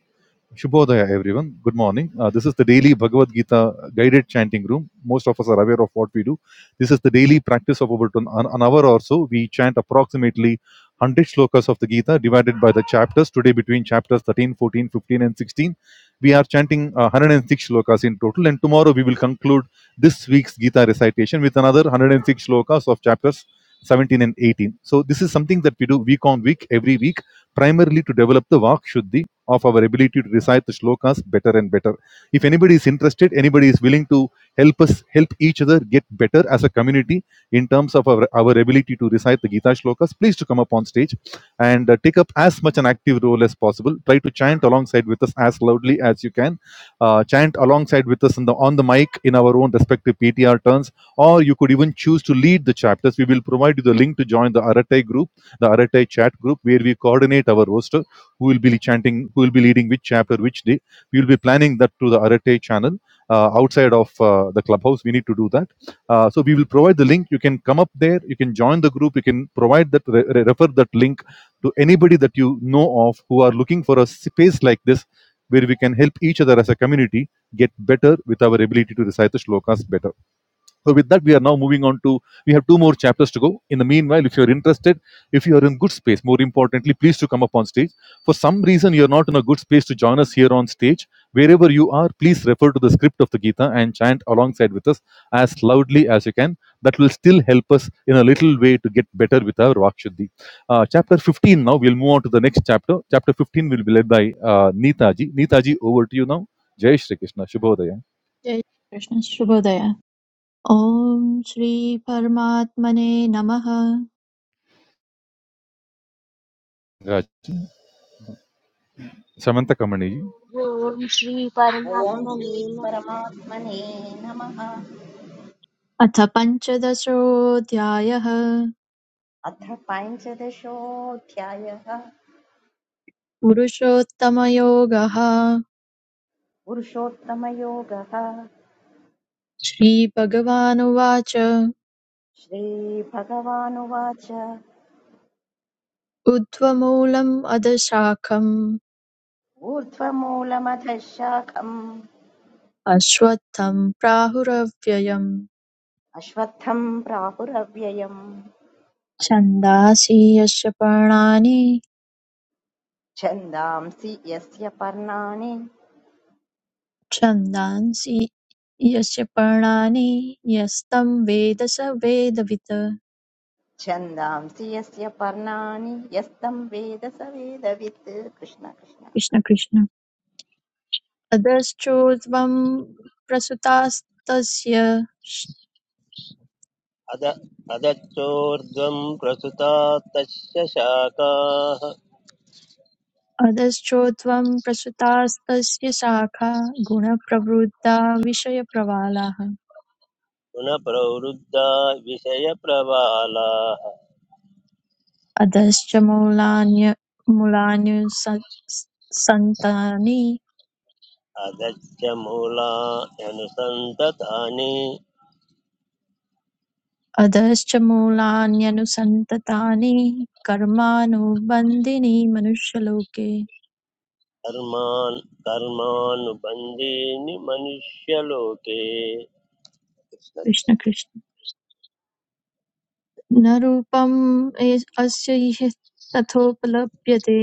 Speaker 7: Shubhodaya, everyone. Good morning. Uh, this is the daily Bhagavad Gita guided chanting room. Most of us are aware of what we do. This is the daily practice of about an, an hour or so. We chant approximately 100 shlokas of the Gita divided by the chapters. Today, between chapters 13, 14, 15, and 16, we are chanting uh, 106 shlokas in total. And tomorrow, we will conclude this week's Gita recitation with another 106 shlokas of chapters 17 and 18. So, this is something that we do week on week, every week, primarily to develop the Vak Shuddhi of our ability to recite the shlokas better and better. If anybody is interested, anybody is willing to help us help each other get better as a community in terms of our, our ability to recite the Gita shlokas, please to come up on stage and uh, take up as much an active role as possible. Try to chant alongside with us as loudly as you can. Uh, chant alongside with us in the, on the mic in our own respective PTR turns, or you could even choose to lead the chapters. We will provide you the link to join the Aratai group, the Aratai chat group, where we coordinate our roster who will be chanting, who will be leading which chapter, which day. We will be planning that through the Arate channel uh, outside of uh, the clubhouse. We need to do that. Uh, so we will provide the link. You can come up there. You can join the group. You can provide that, re- re- refer that link to anybody that you know of who are looking for a space like this where we can help each other as a community get better with our ability to recite the shlokas better. So with that, we are now moving on to we have two more chapters to go. In the meanwhile, if you are interested, if you are in good space, more importantly, please to come up on stage. For some reason, you are not in a good space to join us here on stage. Wherever you are, please refer to the script of the Gita and chant alongside with us as loudly as you can. That will still help us in a little way to get better with our Vakshuddhi. Uh, chapter 15 now, we'll move on to the next chapter. Chapter 15 will be led by uh, Neetaji. Neetaji, over to you now. Jai Shri Krishna. Shubhodaya.
Speaker 3: जय कृष्ण शुभोदय ॐ श्री परमात्मने नमः
Speaker 7: Raj. Samantha Kamaniji.
Speaker 1: ॐ
Speaker 4: ॐ श्री
Speaker 1: श्रीपरमात्मने नमः।
Speaker 4: परमात्मने नमः
Speaker 3: अथ पञ्चदशोऽध्यायः
Speaker 4: अथ पञ्चदशोऽध्यायः
Speaker 3: पुरुषोत्तमयोगः
Speaker 4: पुरुषोत्तमयोगः
Speaker 3: श्रीभगवानुवाच
Speaker 4: श्रीभगवानुवाच
Speaker 3: ऊर्ध्वमूलम् अधशाखम्
Speaker 4: ऊर्ध्वमूलमधः शाखम्
Speaker 3: अश्वत्थं प्राहुरव्ययम्
Speaker 4: अश्वत्थम् प्राहुरव्ययम्
Speaker 3: छन्दांसि यस्य पर्णानि
Speaker 4: छन्दांसि यस्य पर्णानि
Speaker 3: छन्दांसि यस्य पर्णानि यस्तं वेद स वेदवित्
Speaker 4: छन्दांसि यस्य पर्णानि यस्तं वेद स वेदवित् कृष्ण कृष्ण
Speaker 3: कृष्ण कृष्ण अधश्चोर्ध्वं प्रसुतास्तस्य
Speaker 2: अद अदच्चोर्ध्वं प्रसुता तस्य शाखाः
Speaker 3: अधश्चो त्वं प्रसृतास्तस्य शाखा गुणप्रवृद्धा विषयप्रवालाः
Speaker 2: गुणप्रवृद्धा विषयप्रबालाः
Speaker 3: अधश्च मूलान्य मूलान्युसन्तानि
Speaker 2: अदच्च मूलानि अनुसन्ततानि
Speaker 3: अधश्च मूलान्यनुसन्ततानि कर्मानुबन्धीनि मनुष्यलोके
Speaker 2: कर्मान् कर्मानुबन्धीनि मनुष्यलोके कृष्ण
Speaker 3: कृष्ण
Speaker 2: कृष्ण।
Speaker 3: कृष्ण न रूपम् ए- अस्य इह तथोपलभ्यते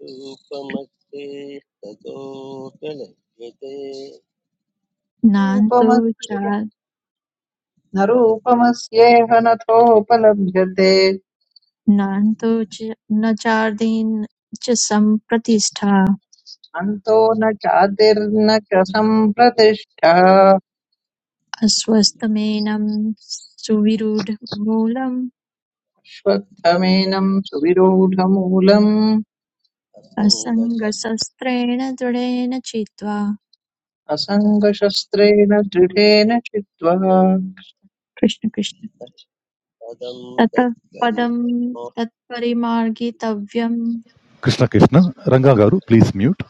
Speaker 2: रूपमस्तेस्ततोऽप्यलभ्यते
Speaker 3: नान्तो चा
Speaker 9: रूपमस्ये न रूपमस्येह नथोपलभ्यते
Speaker 3: नान्तो च न चार्दीन् च सम्प्रतिष्ठा
Speaker 9: अन्तो न चातिर्न च सम्प्रतिष्ठा
Speaker 3: अस्वस्थमेनं सुविरूढमूलम्
Speaker 9: श्वत्थमेनम् सुविरूढमूलम्
Speaker 3: असङ्गशस्त्रेण दृढेन चित्वा
Speaker 9: असङ्गशस्त्रेण दृढेन चित्वा
Speaker 3: कृष्ण कृष्ण
Speaker 2: सङ्गसपदं
Speaker 3: ततः पदं
Speaker 2: तत्परिशीरं
Speaker 3: तत्परिमार्गितव्यं
Speaker 7: Krishna, Krishna, Ranga Guru, please mute.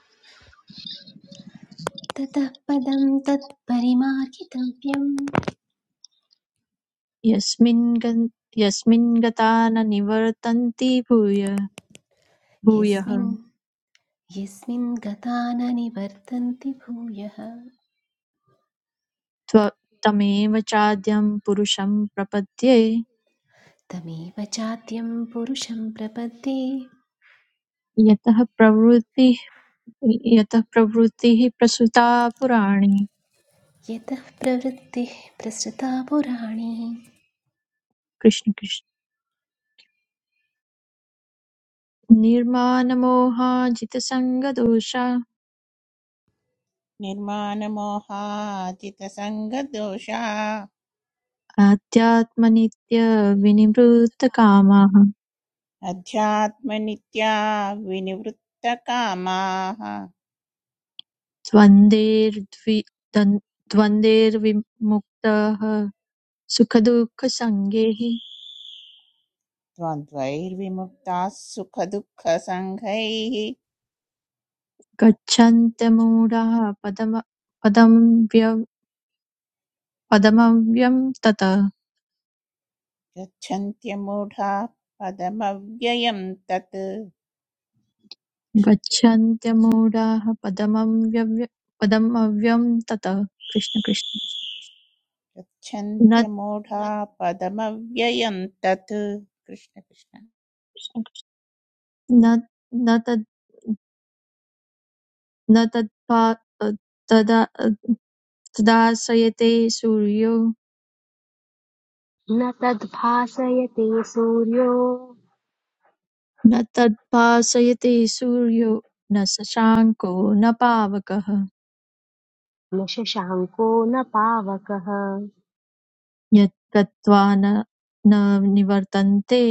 Speaker 11: ततः पदं तत्परिमार्गितव्यं
Speaker 3: यस्मिन् गन्- यस्मिन् गता न निवर्तन्ति भूय भूयः
Speaker 11: यस्मिन् यस्मिन् गता न निवर्तन्ति भूयः
Speaker 3: त्व- तमेव चाद्यं पुरुषं प्रपद्ये
Speaker 11: तमेव चाद्यं पुरुषं प्रपद्ये
Speaker 3: यतः प्रवृत्तिः यतः प्रवृत्तिः प्रसृता पुराणे
Speaker 11: यतः प्रवृत्तिः प्रसृता पुराणी
Speaker 3: कृष्ण कृष्ण। निर्मानमोहाजितसङ्गदोषा
Speaker 12: निर्माणमोहाजितसङ्गदोषा
Speaker 3: आध्यात्मनित्यविनिवृत्तकामाः
Speaker 12: अध्यात्मनित्या विनिवृत्तकामाः
Speaker 3: द्वन्द्वैर्द्वि दन्- द्वन्द्वैर्विमुक्ताः सुखदुःखसङ्गैः
Speaker 12: द्वन्द्वैर्विमुक्ताः सुखदुःखसङ्घैः
Speaker 3: गच्छन्त्यमूढाः पदम पदमव्य- पदमव्यं ततः
Speaker 12: गच्छन्त्यमूढा पदमव्ययं तत्
Speaker 3: गच्छन्त्यमूढाः पदमव्यव्य पदमव्यं ततः कृष्ण कृष्ण
Speaker 12: गच्छन्त्यमूढा पदमव्ययं तत् कृष्णकृष्ण
Speaker 3: न न न तत्पा तदा तदाश्रयते सूर्यो
Speaker 1: न तद्भासयते सूर्यो
Speaker 3: न तत्पाश्रयते सूर्यो न शशाङ्को न पावकः
Speaker 1: न शशाङ्को न पावकः
Speaker 3: यत् गत्वा न न निवर्तन्ते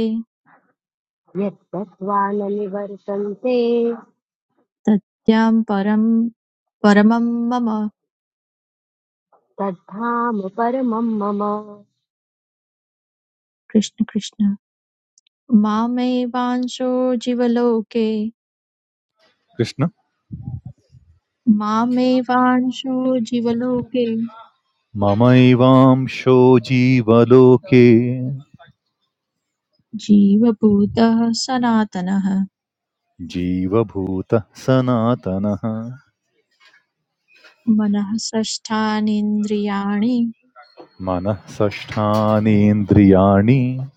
Speaker 1: यद्गत्वा न निवर्तन्ते
Speaker 3: तत्यां परं परमं मम
Speaker 1: तद्धाम परमं मम
Speaker 3: Krishna Krishna मामेवांशो जीवलोके
Speaker 7: Krishna,
Speaker 3: मामेवांशो जीवलोके
Speaker 7: mamaivaam shojivaloke
Speaker 3: जीवभूतः सनातनः
Speaker 7: jiva bhuta sanatanaha
Speaker 3: मनः षष्ठानीन्द्रियाणि
Speaker 7: mana sasthani indriyani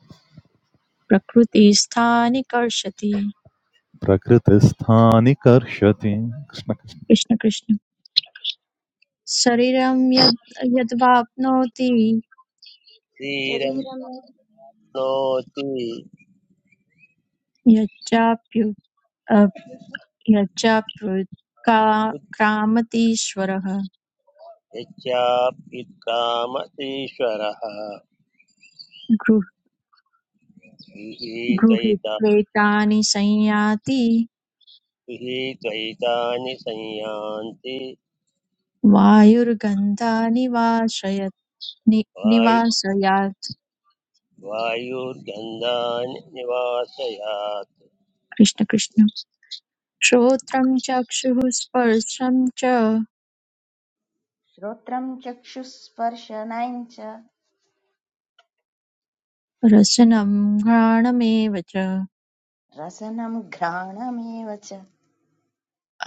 Speaker 3: प्रकृतिस्थानि कर्षति
Speaker 7: prakritisthani karshatim. Krishna,
Speaker 3: Krishna Krishna शरीरं यद् यद्वाप्नोति
Speaker 4: शरीरं
Speaker 2: नोति
Speaker 3: यच्चाप्यु अप्- यच्चाप्यु का- क्रामतीश्वरः
Speaker 2: यच्चाप्युत्कामतीश्वरः
Speaker 3: गृह-
Speaker 2: विहित्वैता
Speaker 3: गृहीत्वेतानि संयाति
Speaker 2: विहित्वैतानि संयान्ति
Speaker 3: वायुर्गन्धानि वाशयत् नि-
Speaker 2: वायु
Speaker 3: निवासयात्
Speaker 2: वायुर्गन्धानि निवासयात्
Speaker 3: कृष्ण कृष्ण श्रोत्रं चक्षुः स्पर्शं च
Speaker 4: श्रोत्रं चक्षुस्पर्शनं च
Speaker 3: रसनं घ्राणमेव च
Speaker 4: रसनं घ्राणमेव च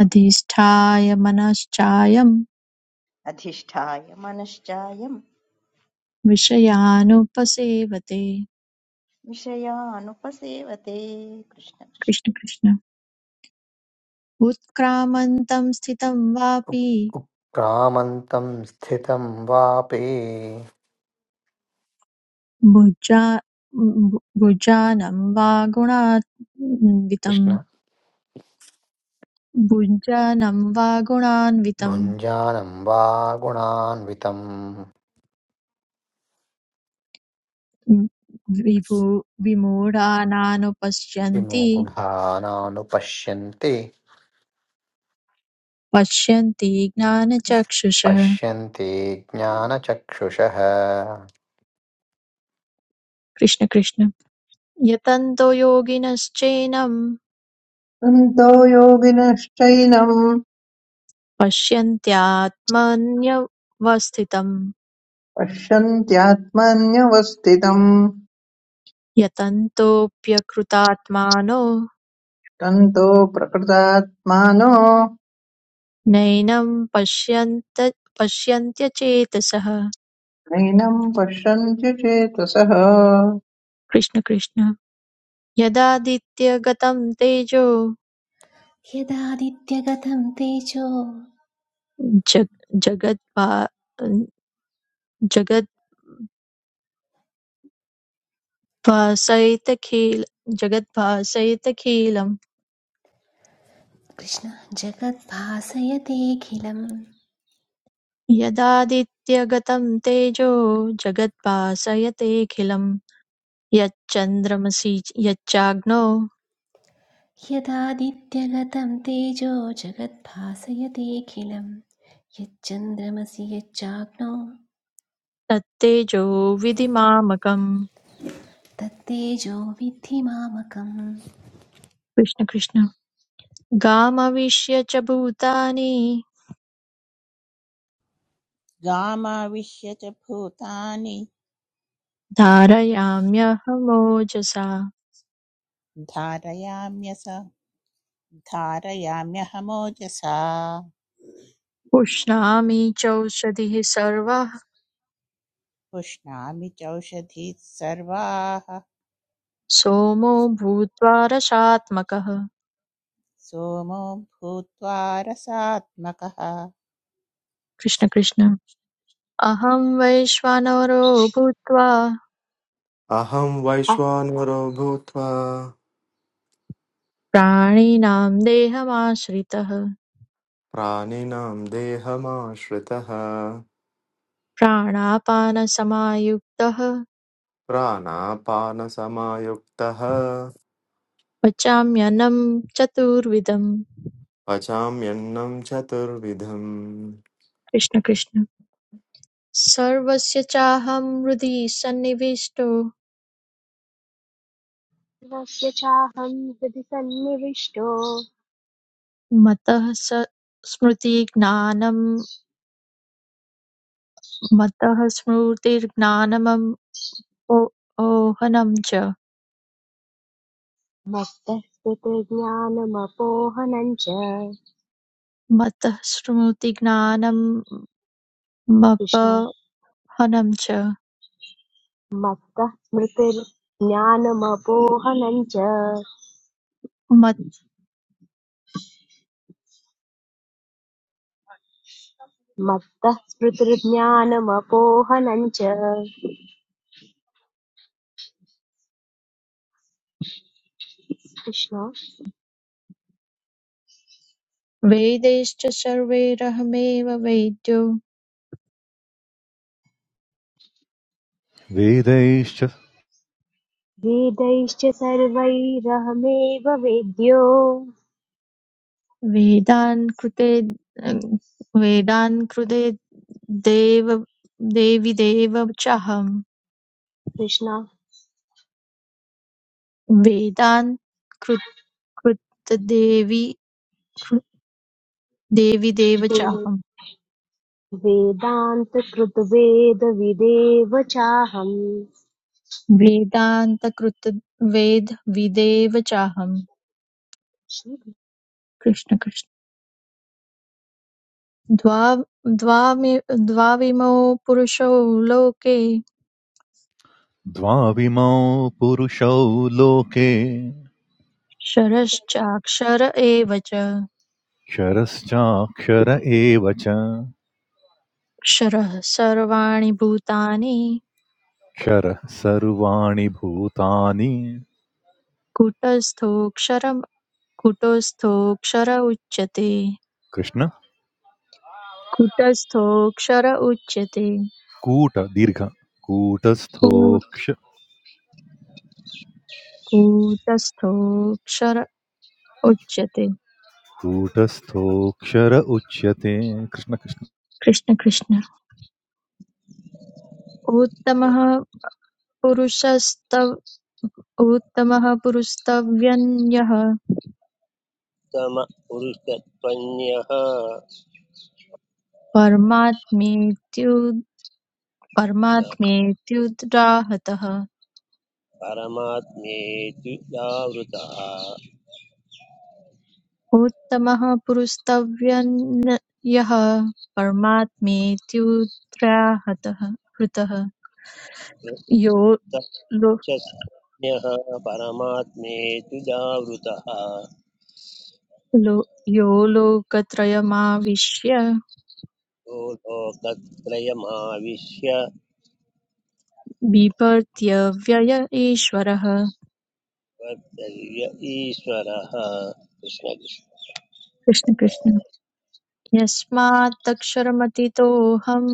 Speaker 3: अधिष्ठाय मनश्चायं
Speaker 4: अधिष्ठाय मनश्चायं
Speaker 3: विषयानुपसेवते
Speaker 4: विषयानुपसेवते कृष्ण कृष्ण
Speaker 3: कृष्ण कृष्ण उत्क्रामन्तं स्थितं वापि
Speaker 5: उक्- उक्रामन्तं स्थितं वापि
Speaker 3: भुजा भु- भुजानं वा गुणान्वितं
Speaker 5: कृष्ण
Speaker 3: भुजानं वा गुणान्वितं
Speaker 5: भुञ्जानं वा गुणान्वितं
Speaker 3: विभु विमूढानानुपश्यन्ति
Speaker 5: विमूढानानुपश्यन्ति
Speaker 3: पश्यन्ति ज्ञानचक्षुषः
Speaker 5: पश्यन्ति ज्ञानचक्षुषः
Speaker 3: कृष्ण कृष्ण यतन्तो योगिनश्चैनं
Speaker 9: सन्तो योगिनश्चैनम्
Speaker 3: पश्यन्त्यात्मन्यवस्थितं
Speaker 9: पश्यन्त्यात्मन्यवस्थितम्
Speaker 3: यतन्तोऽप्यकृतात्मानो
Speaker 9: तन्तो प्रकृतात्मानो
Speaker 3: नैनं पश्यन्त पश्यन्त्यचेतसः
Speaker 9: नैनम् पश्यन्त्य चेतसः
Speaker 3: कृष्ण कृष्ण यदादित्यगतं तेजो
Speaker 11: यदादित्यगतं तेजो
Speaker 3: जग जगद्भा जगद्भासयितखिल जगद्भासयितखिलं
Speaker 11: कृष्ण जगद्भासयतेऽखिलम्
Speaker 3: यदादित्यगतं तेजो जगद्भासयतेऽखिलं यच्चन्द्रमसि यच्चाग्नौ
Speaker 11: यदादित्यगतं तेजो जगद्भासयतेऽखिलं यच्चन्द्रमसि यच्चाग्नो
Speaker 3: तत्तेजो विधिमामकं
Speaker 11: तत्तेजो विद्धि मामकम्
Speaker 3: कृष्ण कृष्ण गामविश्य च भूतानि
Speaker 12: गामाविश्यच भूतानि
Speaker 3: धारयाम्यहमोजसा
Speaker 12: धारयाम्यस धारयाम्यहमोजसा
Speaker 3: पुष्णामि चौषधिः सर्वः
Speaker 12: पुष्णामि चौषधीः सर्वाः
Speaker 3: सोमो भूत्वा रसात्मकः
Speaker 12: सोमो भूत्वा रसात्मकः
Speaker 3: कृष्ण कृष्ण अहं वैश्वानरो भूत्वा
Speaker 13: अहं वैश्वानरो भूत्वा
Speaker 3: प्राणिनां देहमाश्रितः
Speaker 13: प्राणिनां देहमाश्रितः
Speaker 3: प्राणापानसमायुक्तः
Speaker 13: प्राणापानसमायुक्तः
Speaker 3: पचाम्यन्नं चतुर्विधं
Speaker 13: पचाम्यन्नं चतुर्विधम्
Speaker 3: कृष्ण कृष्ण सर्वस्य चाहं हृदि सन्निविष्टो
Speaker 1: अप्रणस्य चाहं हृदि सन्निविष्टो
Speaker 3: मतः स स्मृतिज्ञानं मतः स्मृतिर्ज्ञानमम् ओ- ओहनं च
Speaker 1: मत्तः स्मृतिर्ज्ञानमपोहनं च
Speaker 3: मतः
Speaker 1: कृष्ण
Speaker 3: स्मृतिज्ञानमपहनं च
Speaker 1: मत्तः स्मृतिर्ज्ञानमपोहनं च
Speaker 3: मत्
Speaker 1: मत्तः स्मृतिर्ज्ञानमपोहनं च कृष्ण
Speaker 3: वेदैश्च सर्वैरहमेव वेद्यो
Speaker 7: vedayishar
Speaker 1: वेदैश्च सर्वैरहमेव वेद्यो
Speaker 3: वेदान् कृते वेदान् कृते देव देवि देव चाहम्
Speaker 1: कृष्णा
Speaker 3: वेदान् कृतदेवि कृ- देवि देव
Speaker 1: वे-
Speaker 3: चाहम्
Speaker 1: वेदान्तकृतवेदविदेव चाहम्
Speaker 3: वेदान्तकृत वेद विदेव चाहम्
Speaker 1: श्रीकृष्ण
Speaker 3: कृष्ण कृष्ण द्वा- द्वामि- द्वाविमो पुरुषौ लोके
Speaker 7: dvaimau purushauloke
Speaker 3: क्षरश्चाक्षर एव च
Speaker 7: kharascha kharai vacha
Speaker 3: क्षरः सर्वाणि भूतानि
Speaker 7: khar sarvani bhutaani.
Speaker 3: कुटस्थोऽक्षरम् कुटस्थोऽक्षर उच्यते
Speaker 7: Krishna.
Speaker 3: कुटस्थोऽक्षर उच्यते
Speaker 7: कूट दीर्घ
Speaker 3: कूट-
Speaker 7: कूटस्थोक्ष
Speaker 3: कूटस्थोऽक्षर उच्यते
Speaker 7: कूटस्थोक्षर उच्यते कृष्ण कृष्ण
Speaker 3: कृष्ण कृष्ण उत्तमः पुरुषस्तव उत्तमः पुरुषस्तव्यन्यः
Speaker 2: उत्तमपुरुषत्वन्यः
Speaker 3: परमात्मेत्यु परमात्मेत्युदाहतः
Speaker 2: परमात्मेतु जावृतः
Speaker 3: उत्तमः पुरुषस्तव्यन्यः परमात्मेत्युद्राहतः हृतः यो लो,
Speaker 2: वृत्तचन्यः परमात्मेतु जावृतः
Speaker 3: लो यो लोकत्रयमाविश्य
Speaker 2: यो लोकत्रयमाविश्य
Speaker 3: बिभर्त्यव्यय ईश्वरः
Speaker 2: वर्तव्य ईश्वरः कृष्ण कृष्ण
Speaker 3: कृष्ण कृष्ण यस्मात्तक्षरमतीतोऽहम्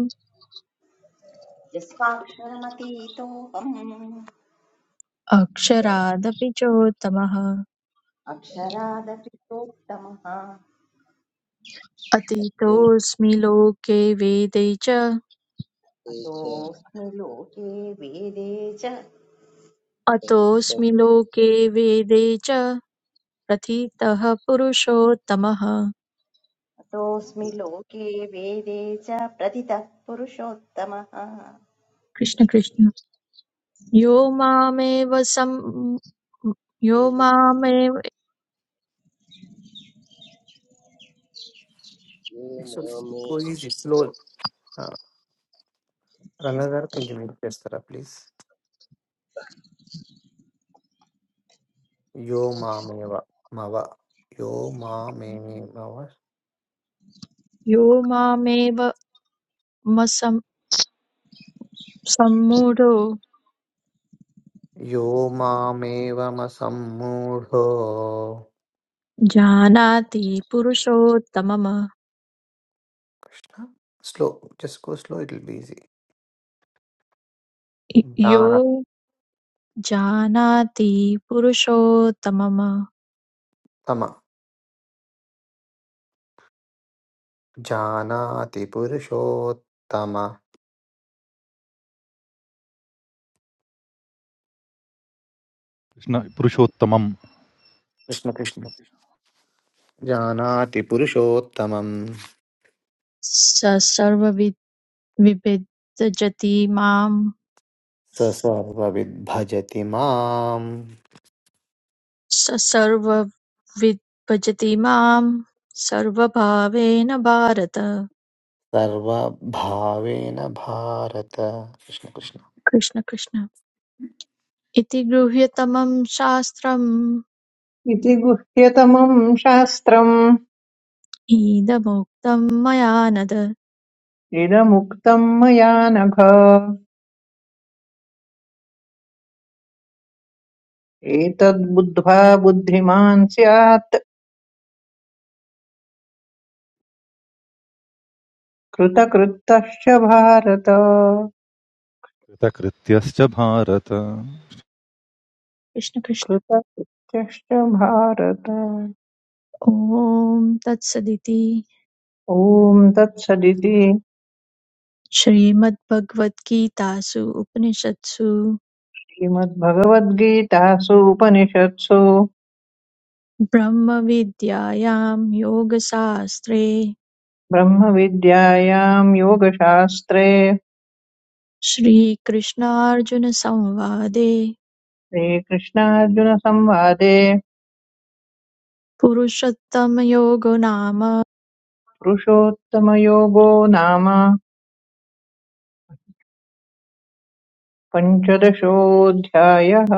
Speaker 4: यस्वाक्षरमतीतोऽहम्
Speaker 3: अक्षरादपि चोत्तमः
Speaker 4: अक्षरादपि सोत्तमः
Speaker 2: लोके
Speaker 3: अतीतोऽस्मि लोके वेदे च
Speaker 2: च
Speaker 4: अतोऽस्मि
Speaker 3: अतोऽस्मि लोके वेदे च प्रथितः पुरुषोत्तमः
Speaker 4: अतोऽस्मि लोके वेदे च प्रथितः पुरुषोत्तमः
Speaker 3: कृष्ण कृष्ण यो मामेव सं यो
Speaker 2: प्रत्यक्षितो
Speaker 3: मामेव
Speaker 2: मामे
Speaker 5: स्लो रनदर् किञ्चित् त्यस्तर प्लीस् यो मामेव मव यो मामेव
Speaker 3: यो मामेव मसं सम्मूढो
Speaker 5: यो मामेवमसम्मूढो
Speaker 3: जानाति पुरुषोत्तमम्
Speaker 5: Krishna slow just go slow it will be ज्ञानात्म
Speaker 3: यो जानाति पुरुषोत्तमं
Speaker 5: जानाति पुरुषोत्तम
Speaker 7: कृष्ण पुरुषोत्तमं
Speaker 5: कृष्ण कृष्ण जानाति पुरुषोत्तमं
Speaker 3: स सर्वविद् विविद् भजति माम्
Speaker 5: स सर्वविद् भजति माम्
Speaker 3: स सर्वविद् भजति माम् सर्वभावेन भारत
Speaker 5: सर्वभावेन भारत कृष्ण कृष्ण
Speaker 3: कृष्ण कृष्ण इति गृह्यतमं शास्त्रम्
Speaker 9: इति गुह्यतमम् शास्त्रम्
Speaker 3: ईदमुक्तं मया नद
Speaker 9: इदमुक्तम् मया नघ एतद्बुद्ध्वा बुद्धिमान् स्यात् कृतकृत्यश्च भारत
Speaker 7: कृतकृत्यश्च भारत
Speaker 3: कृष्ण कृष्ण
Speaker 9: कृतकृत्यश्च भारत
Speaker 3: ॐ तत्सदिति
Speaker 9: ॐ तत्सदिति
Speaker 3: श्रीमद्भगवद्गीतासु उपनिषत्सु
Speaker 9: श्रीमद्भगवद्गीतासु उपनिषत्सु
Speaker 3: ब्रह्मविद्यायां योगशास्त्रे
Speaker 9: ब्रह्मविद्यायां योगशास्त्रे
Speaker 3: श्रीकृष्णार्जुनसंवादे
Speaker 9: श्रीकृष्णार्जुनसंवादे
Speaker 3: पुरुषोत्तमयोगो नाम
Speaker 9: पुरुषोत्तमयोगो नाम पञ्चदशोऽध्यायः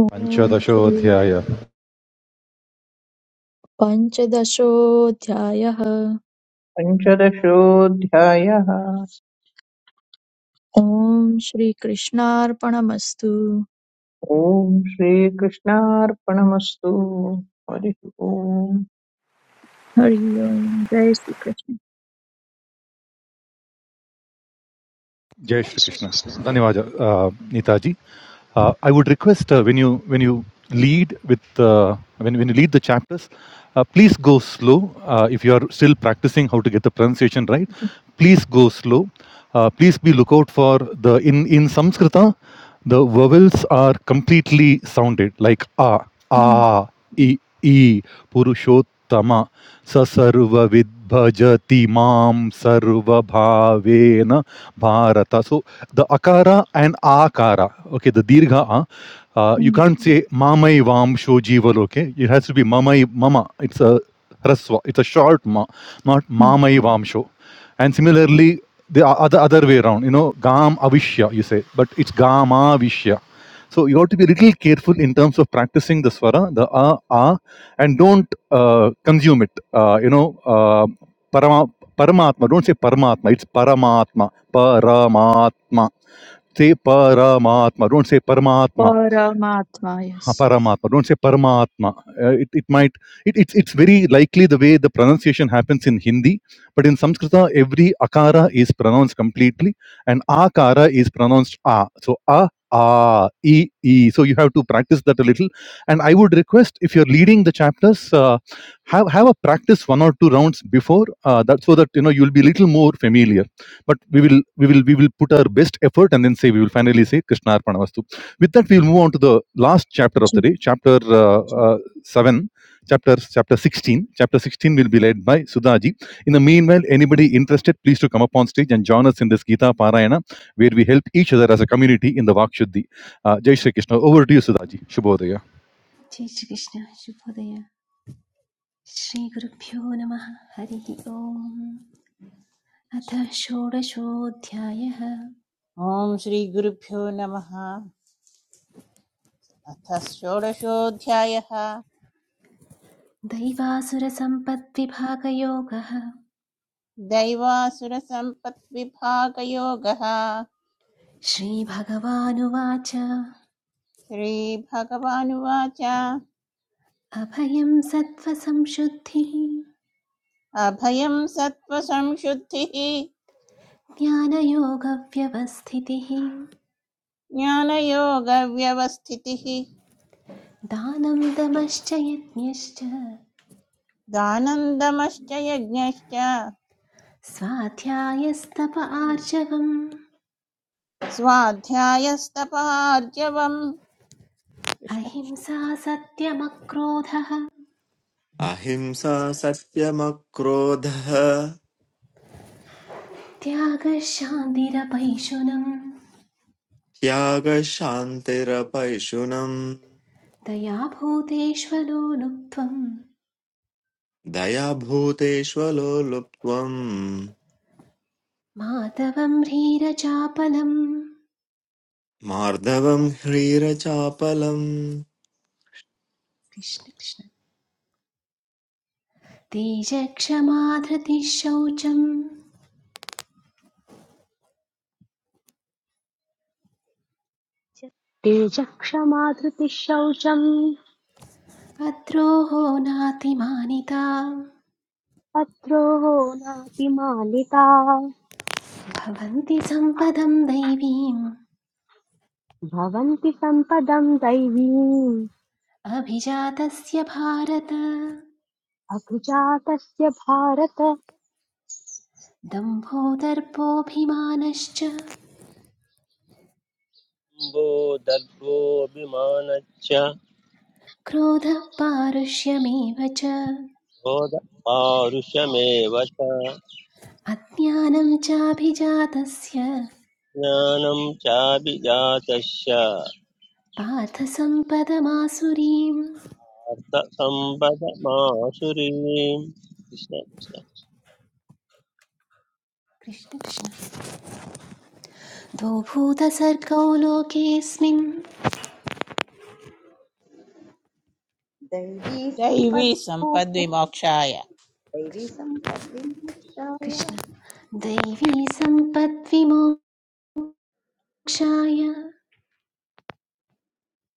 Speaker 3: ॐ श्री
Speaker 7: पञ्चदशोऽध्याय
Speaker 3: पञ्चदशोऽध्यायः
Speaker 9: पञ्चदशोऽध्यायः
Speaker 3: ॐ श्रीकृष्णार्पणमस्तु
Speaker 9: ॐ श्रीकृष्णार्पणमस्तु हरिः ॐ
Speaker 3: हरि ओम जय श्रीकृष्ण
Speaker 7: जय श्रीकृष्ण
Speaker 1: श्रीकृष्ण
Speaker 7: धन्यवाद uh, नीताजी Uh, I would request uh, when you when you lead with uh, when when you lead the chapters, uh, please go slow. Uh, if you are still practicing how to get the pronunciation right,
Speaker 3: ji.
Speaker 7: please go slow. Uh, please be lookout for the in in Sanskrita, the vowels are completely sounded like a,
Speaker 3: hmm,
Speaker 7: a, e, e, purushottama, sa sarva vidbhajati mam sarva bhavena bharata. So the akara and akara, okay, the dirgha a, uh, you
Speaker 3: hmm,
Speaker 7: can't say mamai vamsho jival, Okay, It has to be mamai mama. It's a raswa. It's a short ma, not
Speaker 3: hmm.
Speaker 7: mamai vamsho. And similarly, the other other way around, you know, gam avishya, you say, but it's gama vishya. So you have to be a little careful in terms of practicing the swara, the a, a, and don't uh, consume it. Uh, you know, uh, parama, paramatma. Don't say paramatma. It's paramatma. Paramatma. Say paramatma. Don't say paramatma
Speaker 3: परमात्मा यस
Speaker 7: Ha, Paramatma. Don't say Paramatma. Uh, it, it might it, it's it's very likely the way the pronunciation happens in Hindi, but in Sanskrita every akara is pronounced completely and akara is pronounced a. So a a e e. So you have to practice that a little. And I would request if you're leading the chapters, uh, have have a practice one or two rounds before uh, that, so that you know you'll be little more familiar. But we will we will we will put our best effort and then say we will finally say Krishna with that we'll move on to the last chapter of the day chapter uh, uh, 7 chapter chapter 16 chapter 16 will be led by sudhaji in the meanwhile anybody interested please to come up on stage and join us in this gita parayana where we help each other as a community in the vakshuddhi uh, jai shri krishna over to you sudhaji shubhodaya
Speaker 11: जय श्रीकृष्ण शुभोदय श्रीगुरुभ्यो नमः हरिः ओम् अथ षोडशोऽध्यायः
Speaker 12: ॐ श्रीगुरुभ्यो नमः अथ षोडशोऽध्यायः
Speaker 11: दैवासुरसम्पद्विभागयोगः
Speaker 12: दैवासुरसम्पद्विभागयोगः
Speaker 11: श्रीभगवानुवाच
Speaker 12: श्रीभगवानुवाच
Speaker 11: अभयं सत्त्वसंशुद्धिः
Speaker 12: अभयं सत्त्वसंशुद्धिः
Speaker 11: ज्ञानयोगव्यवस्थितिः
Speaker 12: ज्ञानयोगव्यवस्थितिः
Speaker 11: दानं दमश्च यज्ञश्च
Speaker 12: दानन्दमश्च यज्ञश्च
Speaker 11: स्वाध्यायस्तप आर्जवम्
Speaker 12: स्वाध्यायस्तपहार्जवम् कृष्ण कृष्ण।
Speaker 11: अहिंसा सत्यमक्रोधः
Speaker 13: अहिंसा सत्यमक्रोधः
Speaker 11: त्यागः शान्तिरपैशुनम्
Speaker 13: त्यागशान्तिरपैशुनम्
Speaker 11: दया भूतेष्वलो लुप्त्वम्
Speaker 13: दयाभूतेष्वलो लुप्त्वम्
Speaker 11: माधवं ह्रीरचापलम्
Speaker 13: मार्दवम् ह्रीरचापलम्
Speaker 11: कृष्ण कृष्ण तेजक्षमा धृतिः शौचम्
Speaker 1: तेजः क्षमा धृतिः शौचम्
Speaker 11: भद्रोः नातिमानिता
Speaker 1: तत्रो नातिमानिता
Speaker 11: भवन्ति सम्पदं दैवीम्
Speaker 1: भवन्ति सम्पदम् दैवीम्
Speaker 11: अभिजातस्य भारत
Speaker 1: अकृजातस्य भारत
Speaker 11: दम्भो दर्पोऽभिमानश्च
Speaker 2: शम्भो दर्भोऽभिमानच्च
Speaker 11: क्रोधः पारुष्यमेव च
Speaker 2: क्रोधपारुषमेव च
Speaker 11: अज्ञानं चाभिजातस्य
Speaker 2: ज्ञानं चाभिजातस्य
Speaker 11: पार्थसम्पदमासुरीम्
Speaker 2: अर्थसम्पदमासुरीम् कृष्ण कृष्ण
Speaker 11: कृष्णकृष्ण द्वौभूतसर्गौ लोकेऽस्मिन्
Speaker 4: दैवी
Speaker 12: दैवी
Speaker 4: सम्पद्मोक्ष
Speaker 12: सम्पद्विमोक्षाय
Speaker 4: दैवी
Speaker 11: कृष्ण
Speaker 4: सम्पद्विमोक्षाय
Speaker 11: कृष्ण दैवी सम्पद्विमोक्षाय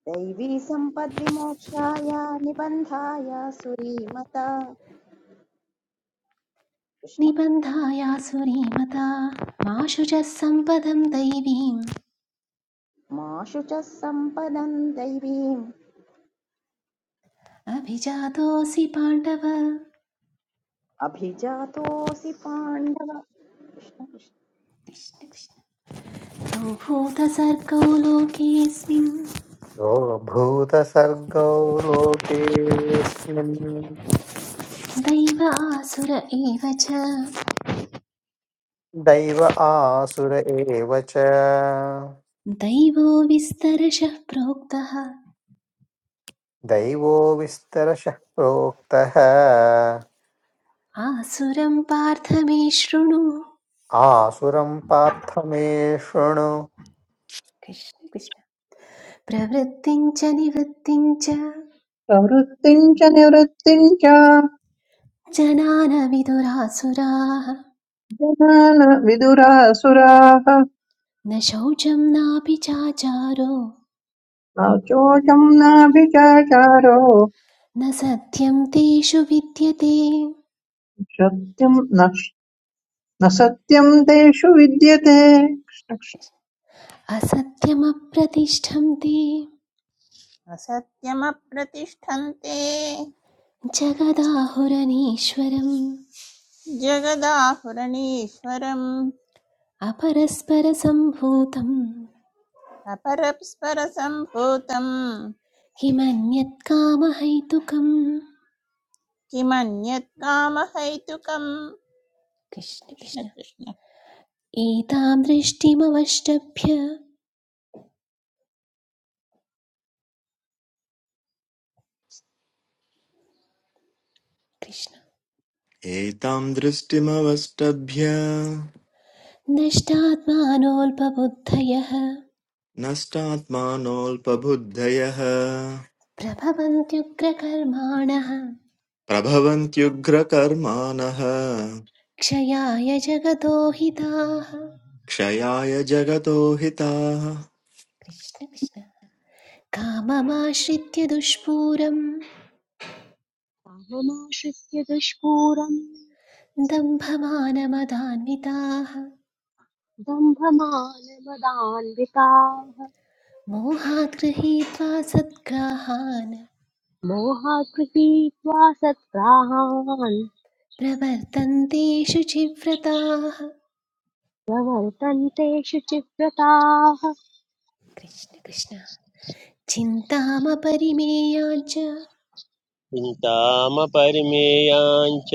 Speaker 4: दैवी सम्पद्विमोक्षाय निबन्धाय सुरीमता कृष्ण
Speaker 11: निबन्धाया सुरीमता मा शुचः सम्पदं दैवीम्
Speaker 4: माशु च सम्पदम् दैवीम्
Speaker 11: अभिजातोऽसि पाण्डव
Speaker 4: अभिजातोऽसि पाण्डव कृष्ण कृष्ण
Speaker 11: कृष्ण कृष्ण। तौ भूतसर्गौ लोकेऽस्मिन्
Speaker 5: यो भूतसर्गो लोकेऽस्मिन्
Speaker 11: दैव आसुर एव च
Speaker 5: दैव आसुर एव च
Speaker 11: दैवो विस्तरशः प्रोक्तः
Speaker 5: दैवो विस्तरशः प्रोक्तः
Speaker 11: आसुरं पार्थ मे शृणु
Speaker 5: आसुरं पार्थ मे शृणु
Speaker 11: कृष्ण कृष्ण प्रवृत्तिं च निवृत्तिं च
Speaker 9: प्रवृत्तिम् च निवृत्तिम् च
Speaker 11: जनान विदुरासुराः
Speaker 9: जनान विदुरासुराः
Speaker 11: न
Speaker 9: न चोचम् नाभिचाचारो
Speaker 11: न सत्यं तेषु विद्यते
Speaker 9: सत्यम् न न सत्यम् तेषु विद्यते
Speaker 11: असत्यमप्रतिष्ठं ते
Speaker 12: असत्यमप्रतिष्ठन्ते
Speaker 11: जगदाहुरनीश्वरम्
Speaker 12: जगदाहुरणीश्वरम्
Speaker 11: अपरस्परसम्भूतं
Speaker 12: अपरस्परसम्भूतम्
Speaker 11: किमन्यत् कामहैतुकम्
Speaker 12: किमन्यत् कामहैतुकम्
Speaker 11: कृष्ण
Speaker 12: कृष्ण
Speaker 11: कृष्ण
Speaker 12: कृष्ण
Speaker 11: एतां दृष्टिमवष्टभ्य कृष्ण
Speaker 13: एतां दृष्टिमवष्टभ्य
Speaker 11: नष्टात्मानोऽल्पबुद्धयः
Speaker 13: नष्टात्मानोऽल्पबुद्धयः
Speaker 11: प्रभवन्त्युग्रकर्माणः
Speaker 13: प्रभवन्त्युग्रकर्माणः
Speaker 11: क्षयाय जगतो हिताः
Speaker 13: क्षयाय जगतो हिताः
Speaker 11: कृष्ण कृष्ण काममाश्रित्य दुष्पूरं
Speaker 1: काममाश्रित्य दुष्पूरम्
Speaker 11: दम्भमानमदान्विताः
Speaker 1: दम्भमानमदान्विताः
Speaker 11: मोहात् गृहीत्वा सद्ग्राहान्
Speaker 1: मोहात् गृहीत्वा सत्प्राहान्
Speaker 11: प्रवर्तन्ते शुचिव्रताः
Speaker 1: प्रवर्तन्ते शुचिव्रताः
Speaker 11: कृष्ण कृष्ण चिन्तामपरिमेयाञ्च
Speaker 2: चिन्तामपरिमेयाञ्च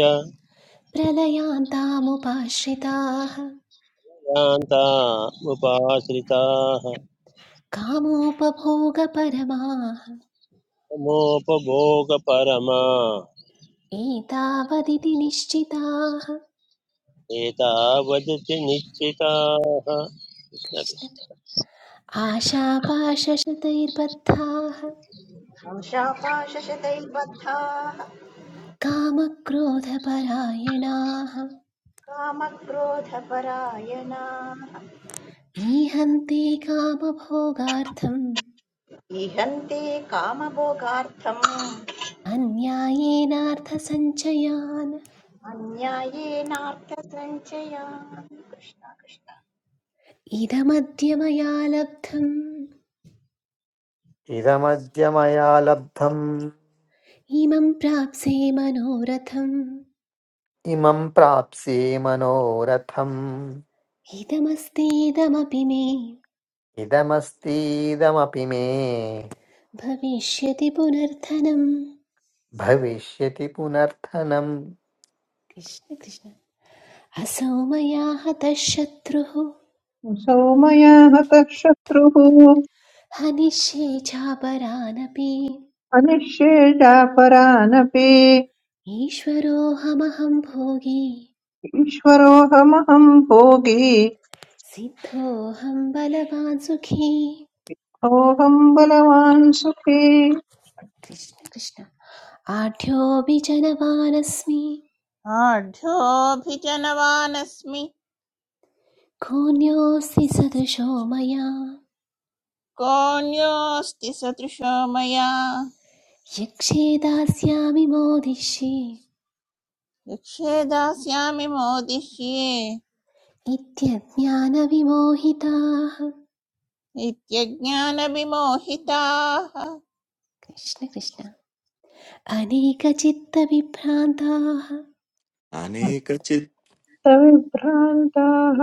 Speaker 11: प्रलयान्तामुपाश्रिताः
Speaker 2: यान्तामुपाश्रिताः
Speaker 11: कामोपभोगपरमाः
Speaker 2: मोपभोगपरमा
Speaker 11: एतावदिति निश्चिताः
Speaker 2: एतावदति निश्चिताः कृष्ण
Speaker 11: कृष्ण
Speaker 2: कृष्ण
Speaker 11: आशापाशशतैर्बद्धाः
Speaker 4: आशापाशशतैर्बद्धाः
Speaker 11: कामक्रोधपरायणाः
Speaker 4: कामक्रोधपरायणाः
Speaker 11: ईहन्ति कामभोगार्थम्
Speaker 4: इहन्ते कामभोगार्थम्
Speaker 11: अन्यायेनार्थसञ्चयान्
Speaker 4: अन्यायेनार्थसञ्चयान् कृष्ण कृष्ण
Speaker 11: इदमद्य मया लब्धम्
Speaker 5: इदमद्य मया लब्धम्
Speaker 11: इमं प्राप्से मनोरथम्
Speaker 5: इमं प्राप्स्ये मनोरथम्
Speaker 11: इदमस्तीदमपि मे
Speaker 5: इदमस्तीदमपि मे
Speaker 11: भविष्यति पुनर्थनम्
Speaker 5: भविष्यति पुनर्थनम्
Speaker 11: कृष्ण कृष्ण असौ मया हतः शत्रुः
Speaker 9: सौ मया हतः शत्रुः
Speaker 11: हनिष्ये चापरानपि
Speaker 9: अनिश्येजापरानपि
Speaker 11: ईश्वरोऽहमहं भोगी
Speaker 9: ईश्वरोऽहमहम् भोगी
Speaker 11: सिद्धोऽहं बलवान् सुखी
Speaker 9: सोऽहम् बलवान् सुखी
Speaker 11: कृष्ण कृष्ण आढ्योऽपि जनवानस्मि
Speaker 12: आढ्योऽभिजनवानस्मि
Speaker 11: कोऽन्योऽस्ति सदृशो मया
Speaker 12: कोऽन्योऽस्ति सदृशो मया
Speaker 11: यक्षे दास्यामि मोदिष्ये
Speaker 12: यक्षे दास्यामि मोदिष्ये
Speaker 11: इत्यज्ञानविमोहिताः
Speaker 12: नित्यज्ञानविमोहिताः
Speaker 11: कृष्ण कृष्ण अनेकचित्तविभ्रान्ताः
Speaker 13: अनेकचित्
Speaker 9: अन्तविभ्रान्ताः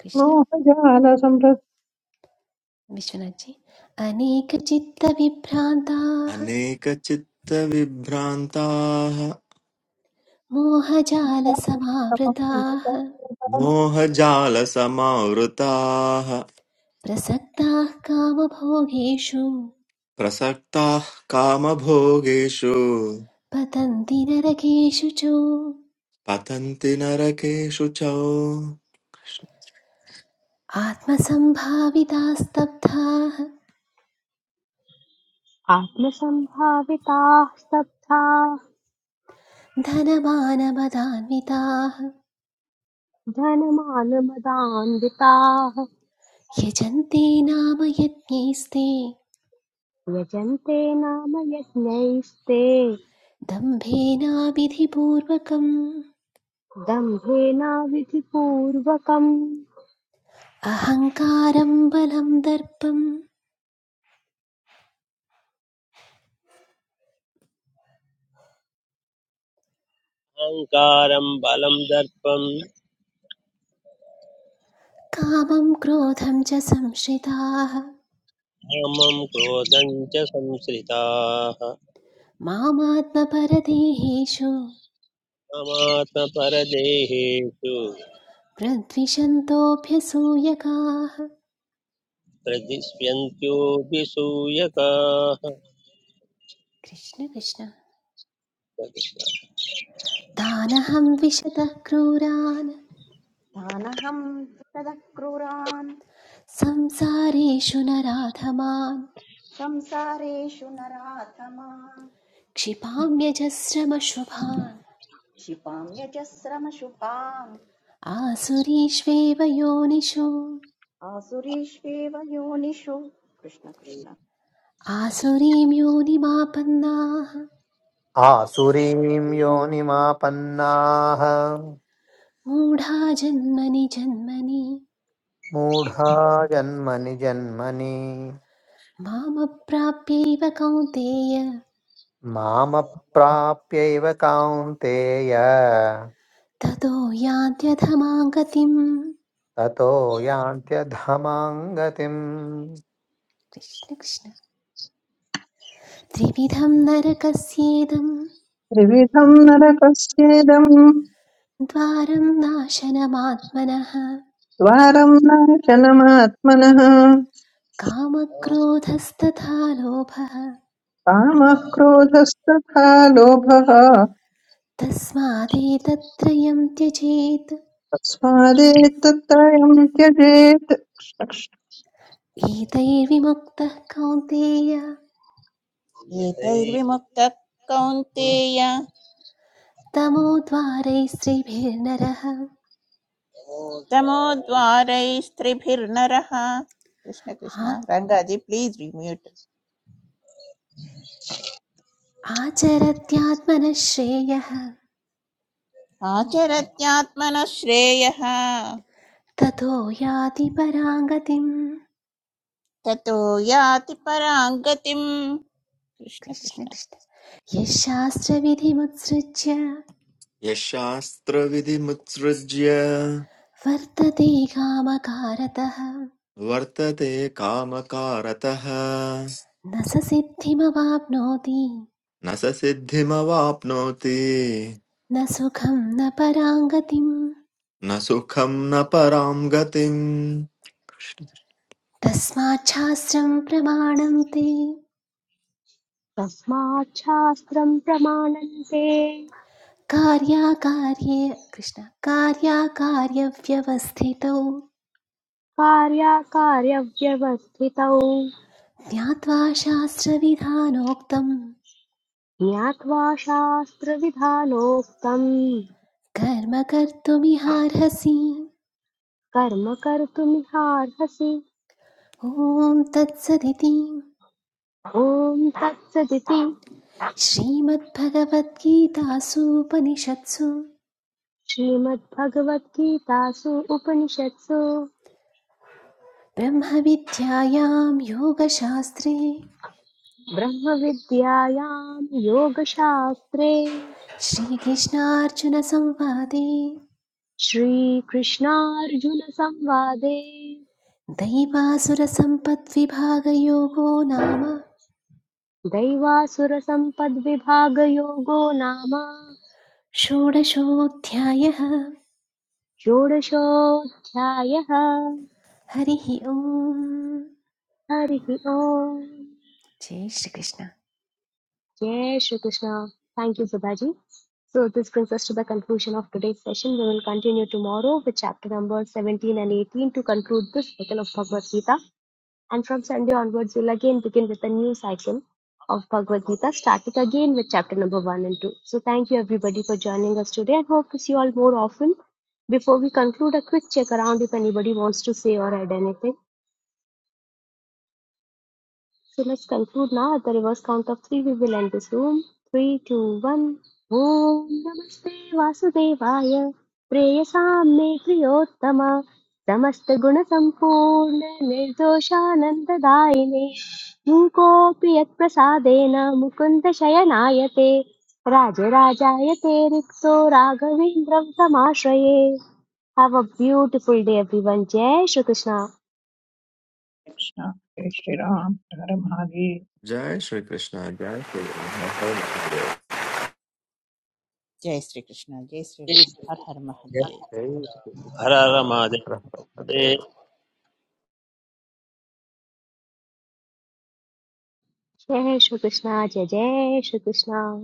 Speaker 11: कृष्ण
Speaker 9: मोहजालसम्पृक्ताः
Speaker 11: विश्वनाथजी अनेकचित्तविभ्रान्ताः
Speaker 13: अनेकचित्तविभ्रान्ताः
Speaker 11: मोहजालसमावृताः
Speaker 13: मोहजालसमावृताः
Speaker 11: प्रसक्ताः कामभोगेषु
Speaker 13: प्रसक्ताः कामभोगेषु
Speaker 11: पतन्ति नरकेषु च
Speaker 13: पतन्ति नरकेषु च
Speaker 11: आत्मसम्भाविताः स्तब्धाः
Speaker 1: आत्मसम्भाविताः स्तब्धाः
Speaker 11: धनमानमदान्विताः
Speaker 1: धनमानमदान्विताः
Speaker 11: यजन्ते नाम यज्ञैस्ते
Speaker 1: यजन्ते नाम यज्ञैस्ते
Speaker 11: दम्भेनाविधिपूर्वकम्
Speaker 1: दम्भेनाविधिपूर्वकम्
Speaker 11: अहङ्कारं बलं दर्पं
Speaker 2: अहङ्कारं बलं दर्पं
Speaker 11: कामं क्रोधं च संश्रिताः
Speaker 2: कामं क्रोधं च संश्रिताः
Speaker 11: मामात्मपरदेहेषु
Speaker 2: कामात्मपरदेहेषु
Speaker 11: प्रद्विषन्तोऽभ्यसूयकाः
Speaker 2: प्रदिश्यन्त्योऽभिसूयकाः
Speaker 11: कृष्ण कृष्ण तानहं विशतः क्रूरान्
Speaker 4: तानहं तदः क्रूरान्
Speaker 11: संसारेषु नराधमान्
Speaker 4: संसारेषु नराधमान्
Speaker 11: क्षिपाम्यजस्रमशुभान्
Speaker 4: क्षिपां यजस्रमशुभाम्
Speaker 11: आसुरीष्वेव योनिषु
Speaker 4: आसुरीष्वेव योनिषु कृष्ण कृष्ण
Speaker 11: आसुरीं योनिमापन्नाः
Speaker 5: आसुरीं योनिमापन्नाः
Speaker 11: मूढा जन्मनि जन्मनि
Speaker 5: मूढा जन्मनि जन्मनि
Speaker 11: मामप्राप्यैव कौन्तेय
Speaker 5: मामप्राप्यैव कान्तेय
Speaker 11: ततो यान्त्यधमां गतिम्
Speaker 5: ततो
Speaker 11: कृष्ण कृष्ण त्रिविधं नरकस्येदम्
Speaker 9: त्रिविधम् नरकस्येदम्
Speaker 11: द्वारं नाशनमात्मनः
Speaker 9: द्वारम् नाशनमात्मनः
Speaker 11: कामक्रोधस्तथा लोभः
Speaker 9: कामः क्रोधस्तथा लोभः
Speaker 11: तस्मादेतत्त्रयं त्यजेत्
Speaker 9: तस्मादेतत्त्रयम् त्यजेत् कृष्ण कृष्ण
Speaker 11: एतैर्विमुक्तः कौन्तेय
Speaker 12: एतैर्विमुक्तः कौन्तेय
Speaker 11: तमोद्वारैः श्रीभिर्नरः
Speaker 12: तमोद्वारैस्त्रिभिर्नरः कृष्ण कृष्ण
Speaker 11: आ-
Speaker 12: रङ्गाजी प्लीज रिम्यूट्
Speaker 11: आचरत्यात्मनः श्रेयः
Speaker 12: आचरत्यात्मनः श्रेयः
Speaker 11: ततो याति पराङ्गतिम्
Speaker 12: ततो याति परां गतिम् कृष्ण
Speaker 11: कृष्ण
Speaker 12: कृष्ण
Speaker 11: कृष्ण यः शास्त्रविधिमुत्सृज्य
Speaker 13: यशास्त्रविधिमुत्सृज्य
Speaker 11: वर्तते कामकारतः
Speaker 13: वर्तते कामकारतः
Speaker 11: न स सिद्धिमवाप्नोति
Speaker 13: न स सिद्धिमवाप्नोति
Speaker 11: न सुखं न पराङ्गतिं
Speaker 13: न सुखं न परां गतिम्
Speaker 11: तस्माच्छास्त्रं प्रमाणं ते
Speaker 1: तस्मात् शास्त्रम् प्रमाणन्ते
Speaker 11: कार्याकार्ये कृष्ण कार्याकार्यव्यवस्थितौ
Speaker 1: कार्याकार्यव्यवस्थितौ
Speaker 11: ज्ञात्वा शास्त्रविधानोक्तं
Speaker 1: ज्ञात्वा शास्त्रविधानोक्तम्
Speaker 11: कर्म कर्तुमिहार्हसि
Speaker 1: कर्म कर्तुमिहार्हसि
Speaker 11: ॐ तत्सदिति
Speaker 1: ॐ तत्सदिति
Speaker 11: श्रीमद्भगवद्गीतासूपनिषत्सु
Speaker 1: श्रीमद्भगवद्गीतासु उपनिषत्सु
Speaker 11: ब्रह्मविद्यायां योगशास्त्रे
Speaker 1: ब्रह्मविद्यायां योगशास्त्रे
Speaker 11: श्रीकृष्णार्जुनसंवादे
Speaker 1: श्रीकृष्णार्जुनसंवादे
Speaker 11: दैवासुरसम्पद्विभागयोगो नाम
Speaker 1: दैवासुरसम्पद्विभागयोगो नाम
Speaker 11: षोडशोऽध्यायः
Speaker 1: षोडशोऽध्यायः
Speaker 11: हरिः ओम्
Speaker 1: हरिः ओम्
Speaker 11: जय श्रीकृष्ण
Speaker 1: जय Shri Krishna thank you Sudhaji So this brings us to the conclusion of today's session. We will continue tomorrow with chapter numbers 17 and 18 to conclude this cycle of Bhagavad Gita. and from Sunday onwards we'll again begin with a new cycle of Bhagavad Gita, starting again with chapter number one and two. So thank you everybody for joining us today and hope to see you all more often. Before we conclude, a quick check around if anybody wants to say or add anything. So let's conclude now. At The reverse count of three. We will end this room. Three, two, one. Boom. Namaste. Vasudevaya. Preya sametriyotama. Samast guna sampurna nirjosa nanda daini. Mukopiya prasadena Mukunda shayanate. Rajaraja yate rikto ragavin Brahma shaye. Have a beautiful day, everyone. Jai Shri Krishna.
Speaker 9: Krishna. जय श्रीराम हर हर महादेव
Speaker 13: जय श्रीकृष्ण जय श्रीराम हर हर महादेव
Speaker 12: जय श्री कृष्ण जय श्री राम हर हर Mahadev
Speaker 5: यान्त्यधमाङ्गतिम्
Speaker 2: हररमादे
Speaker 1: Jai Shri Krishna. Jai Jai Shri Krishna.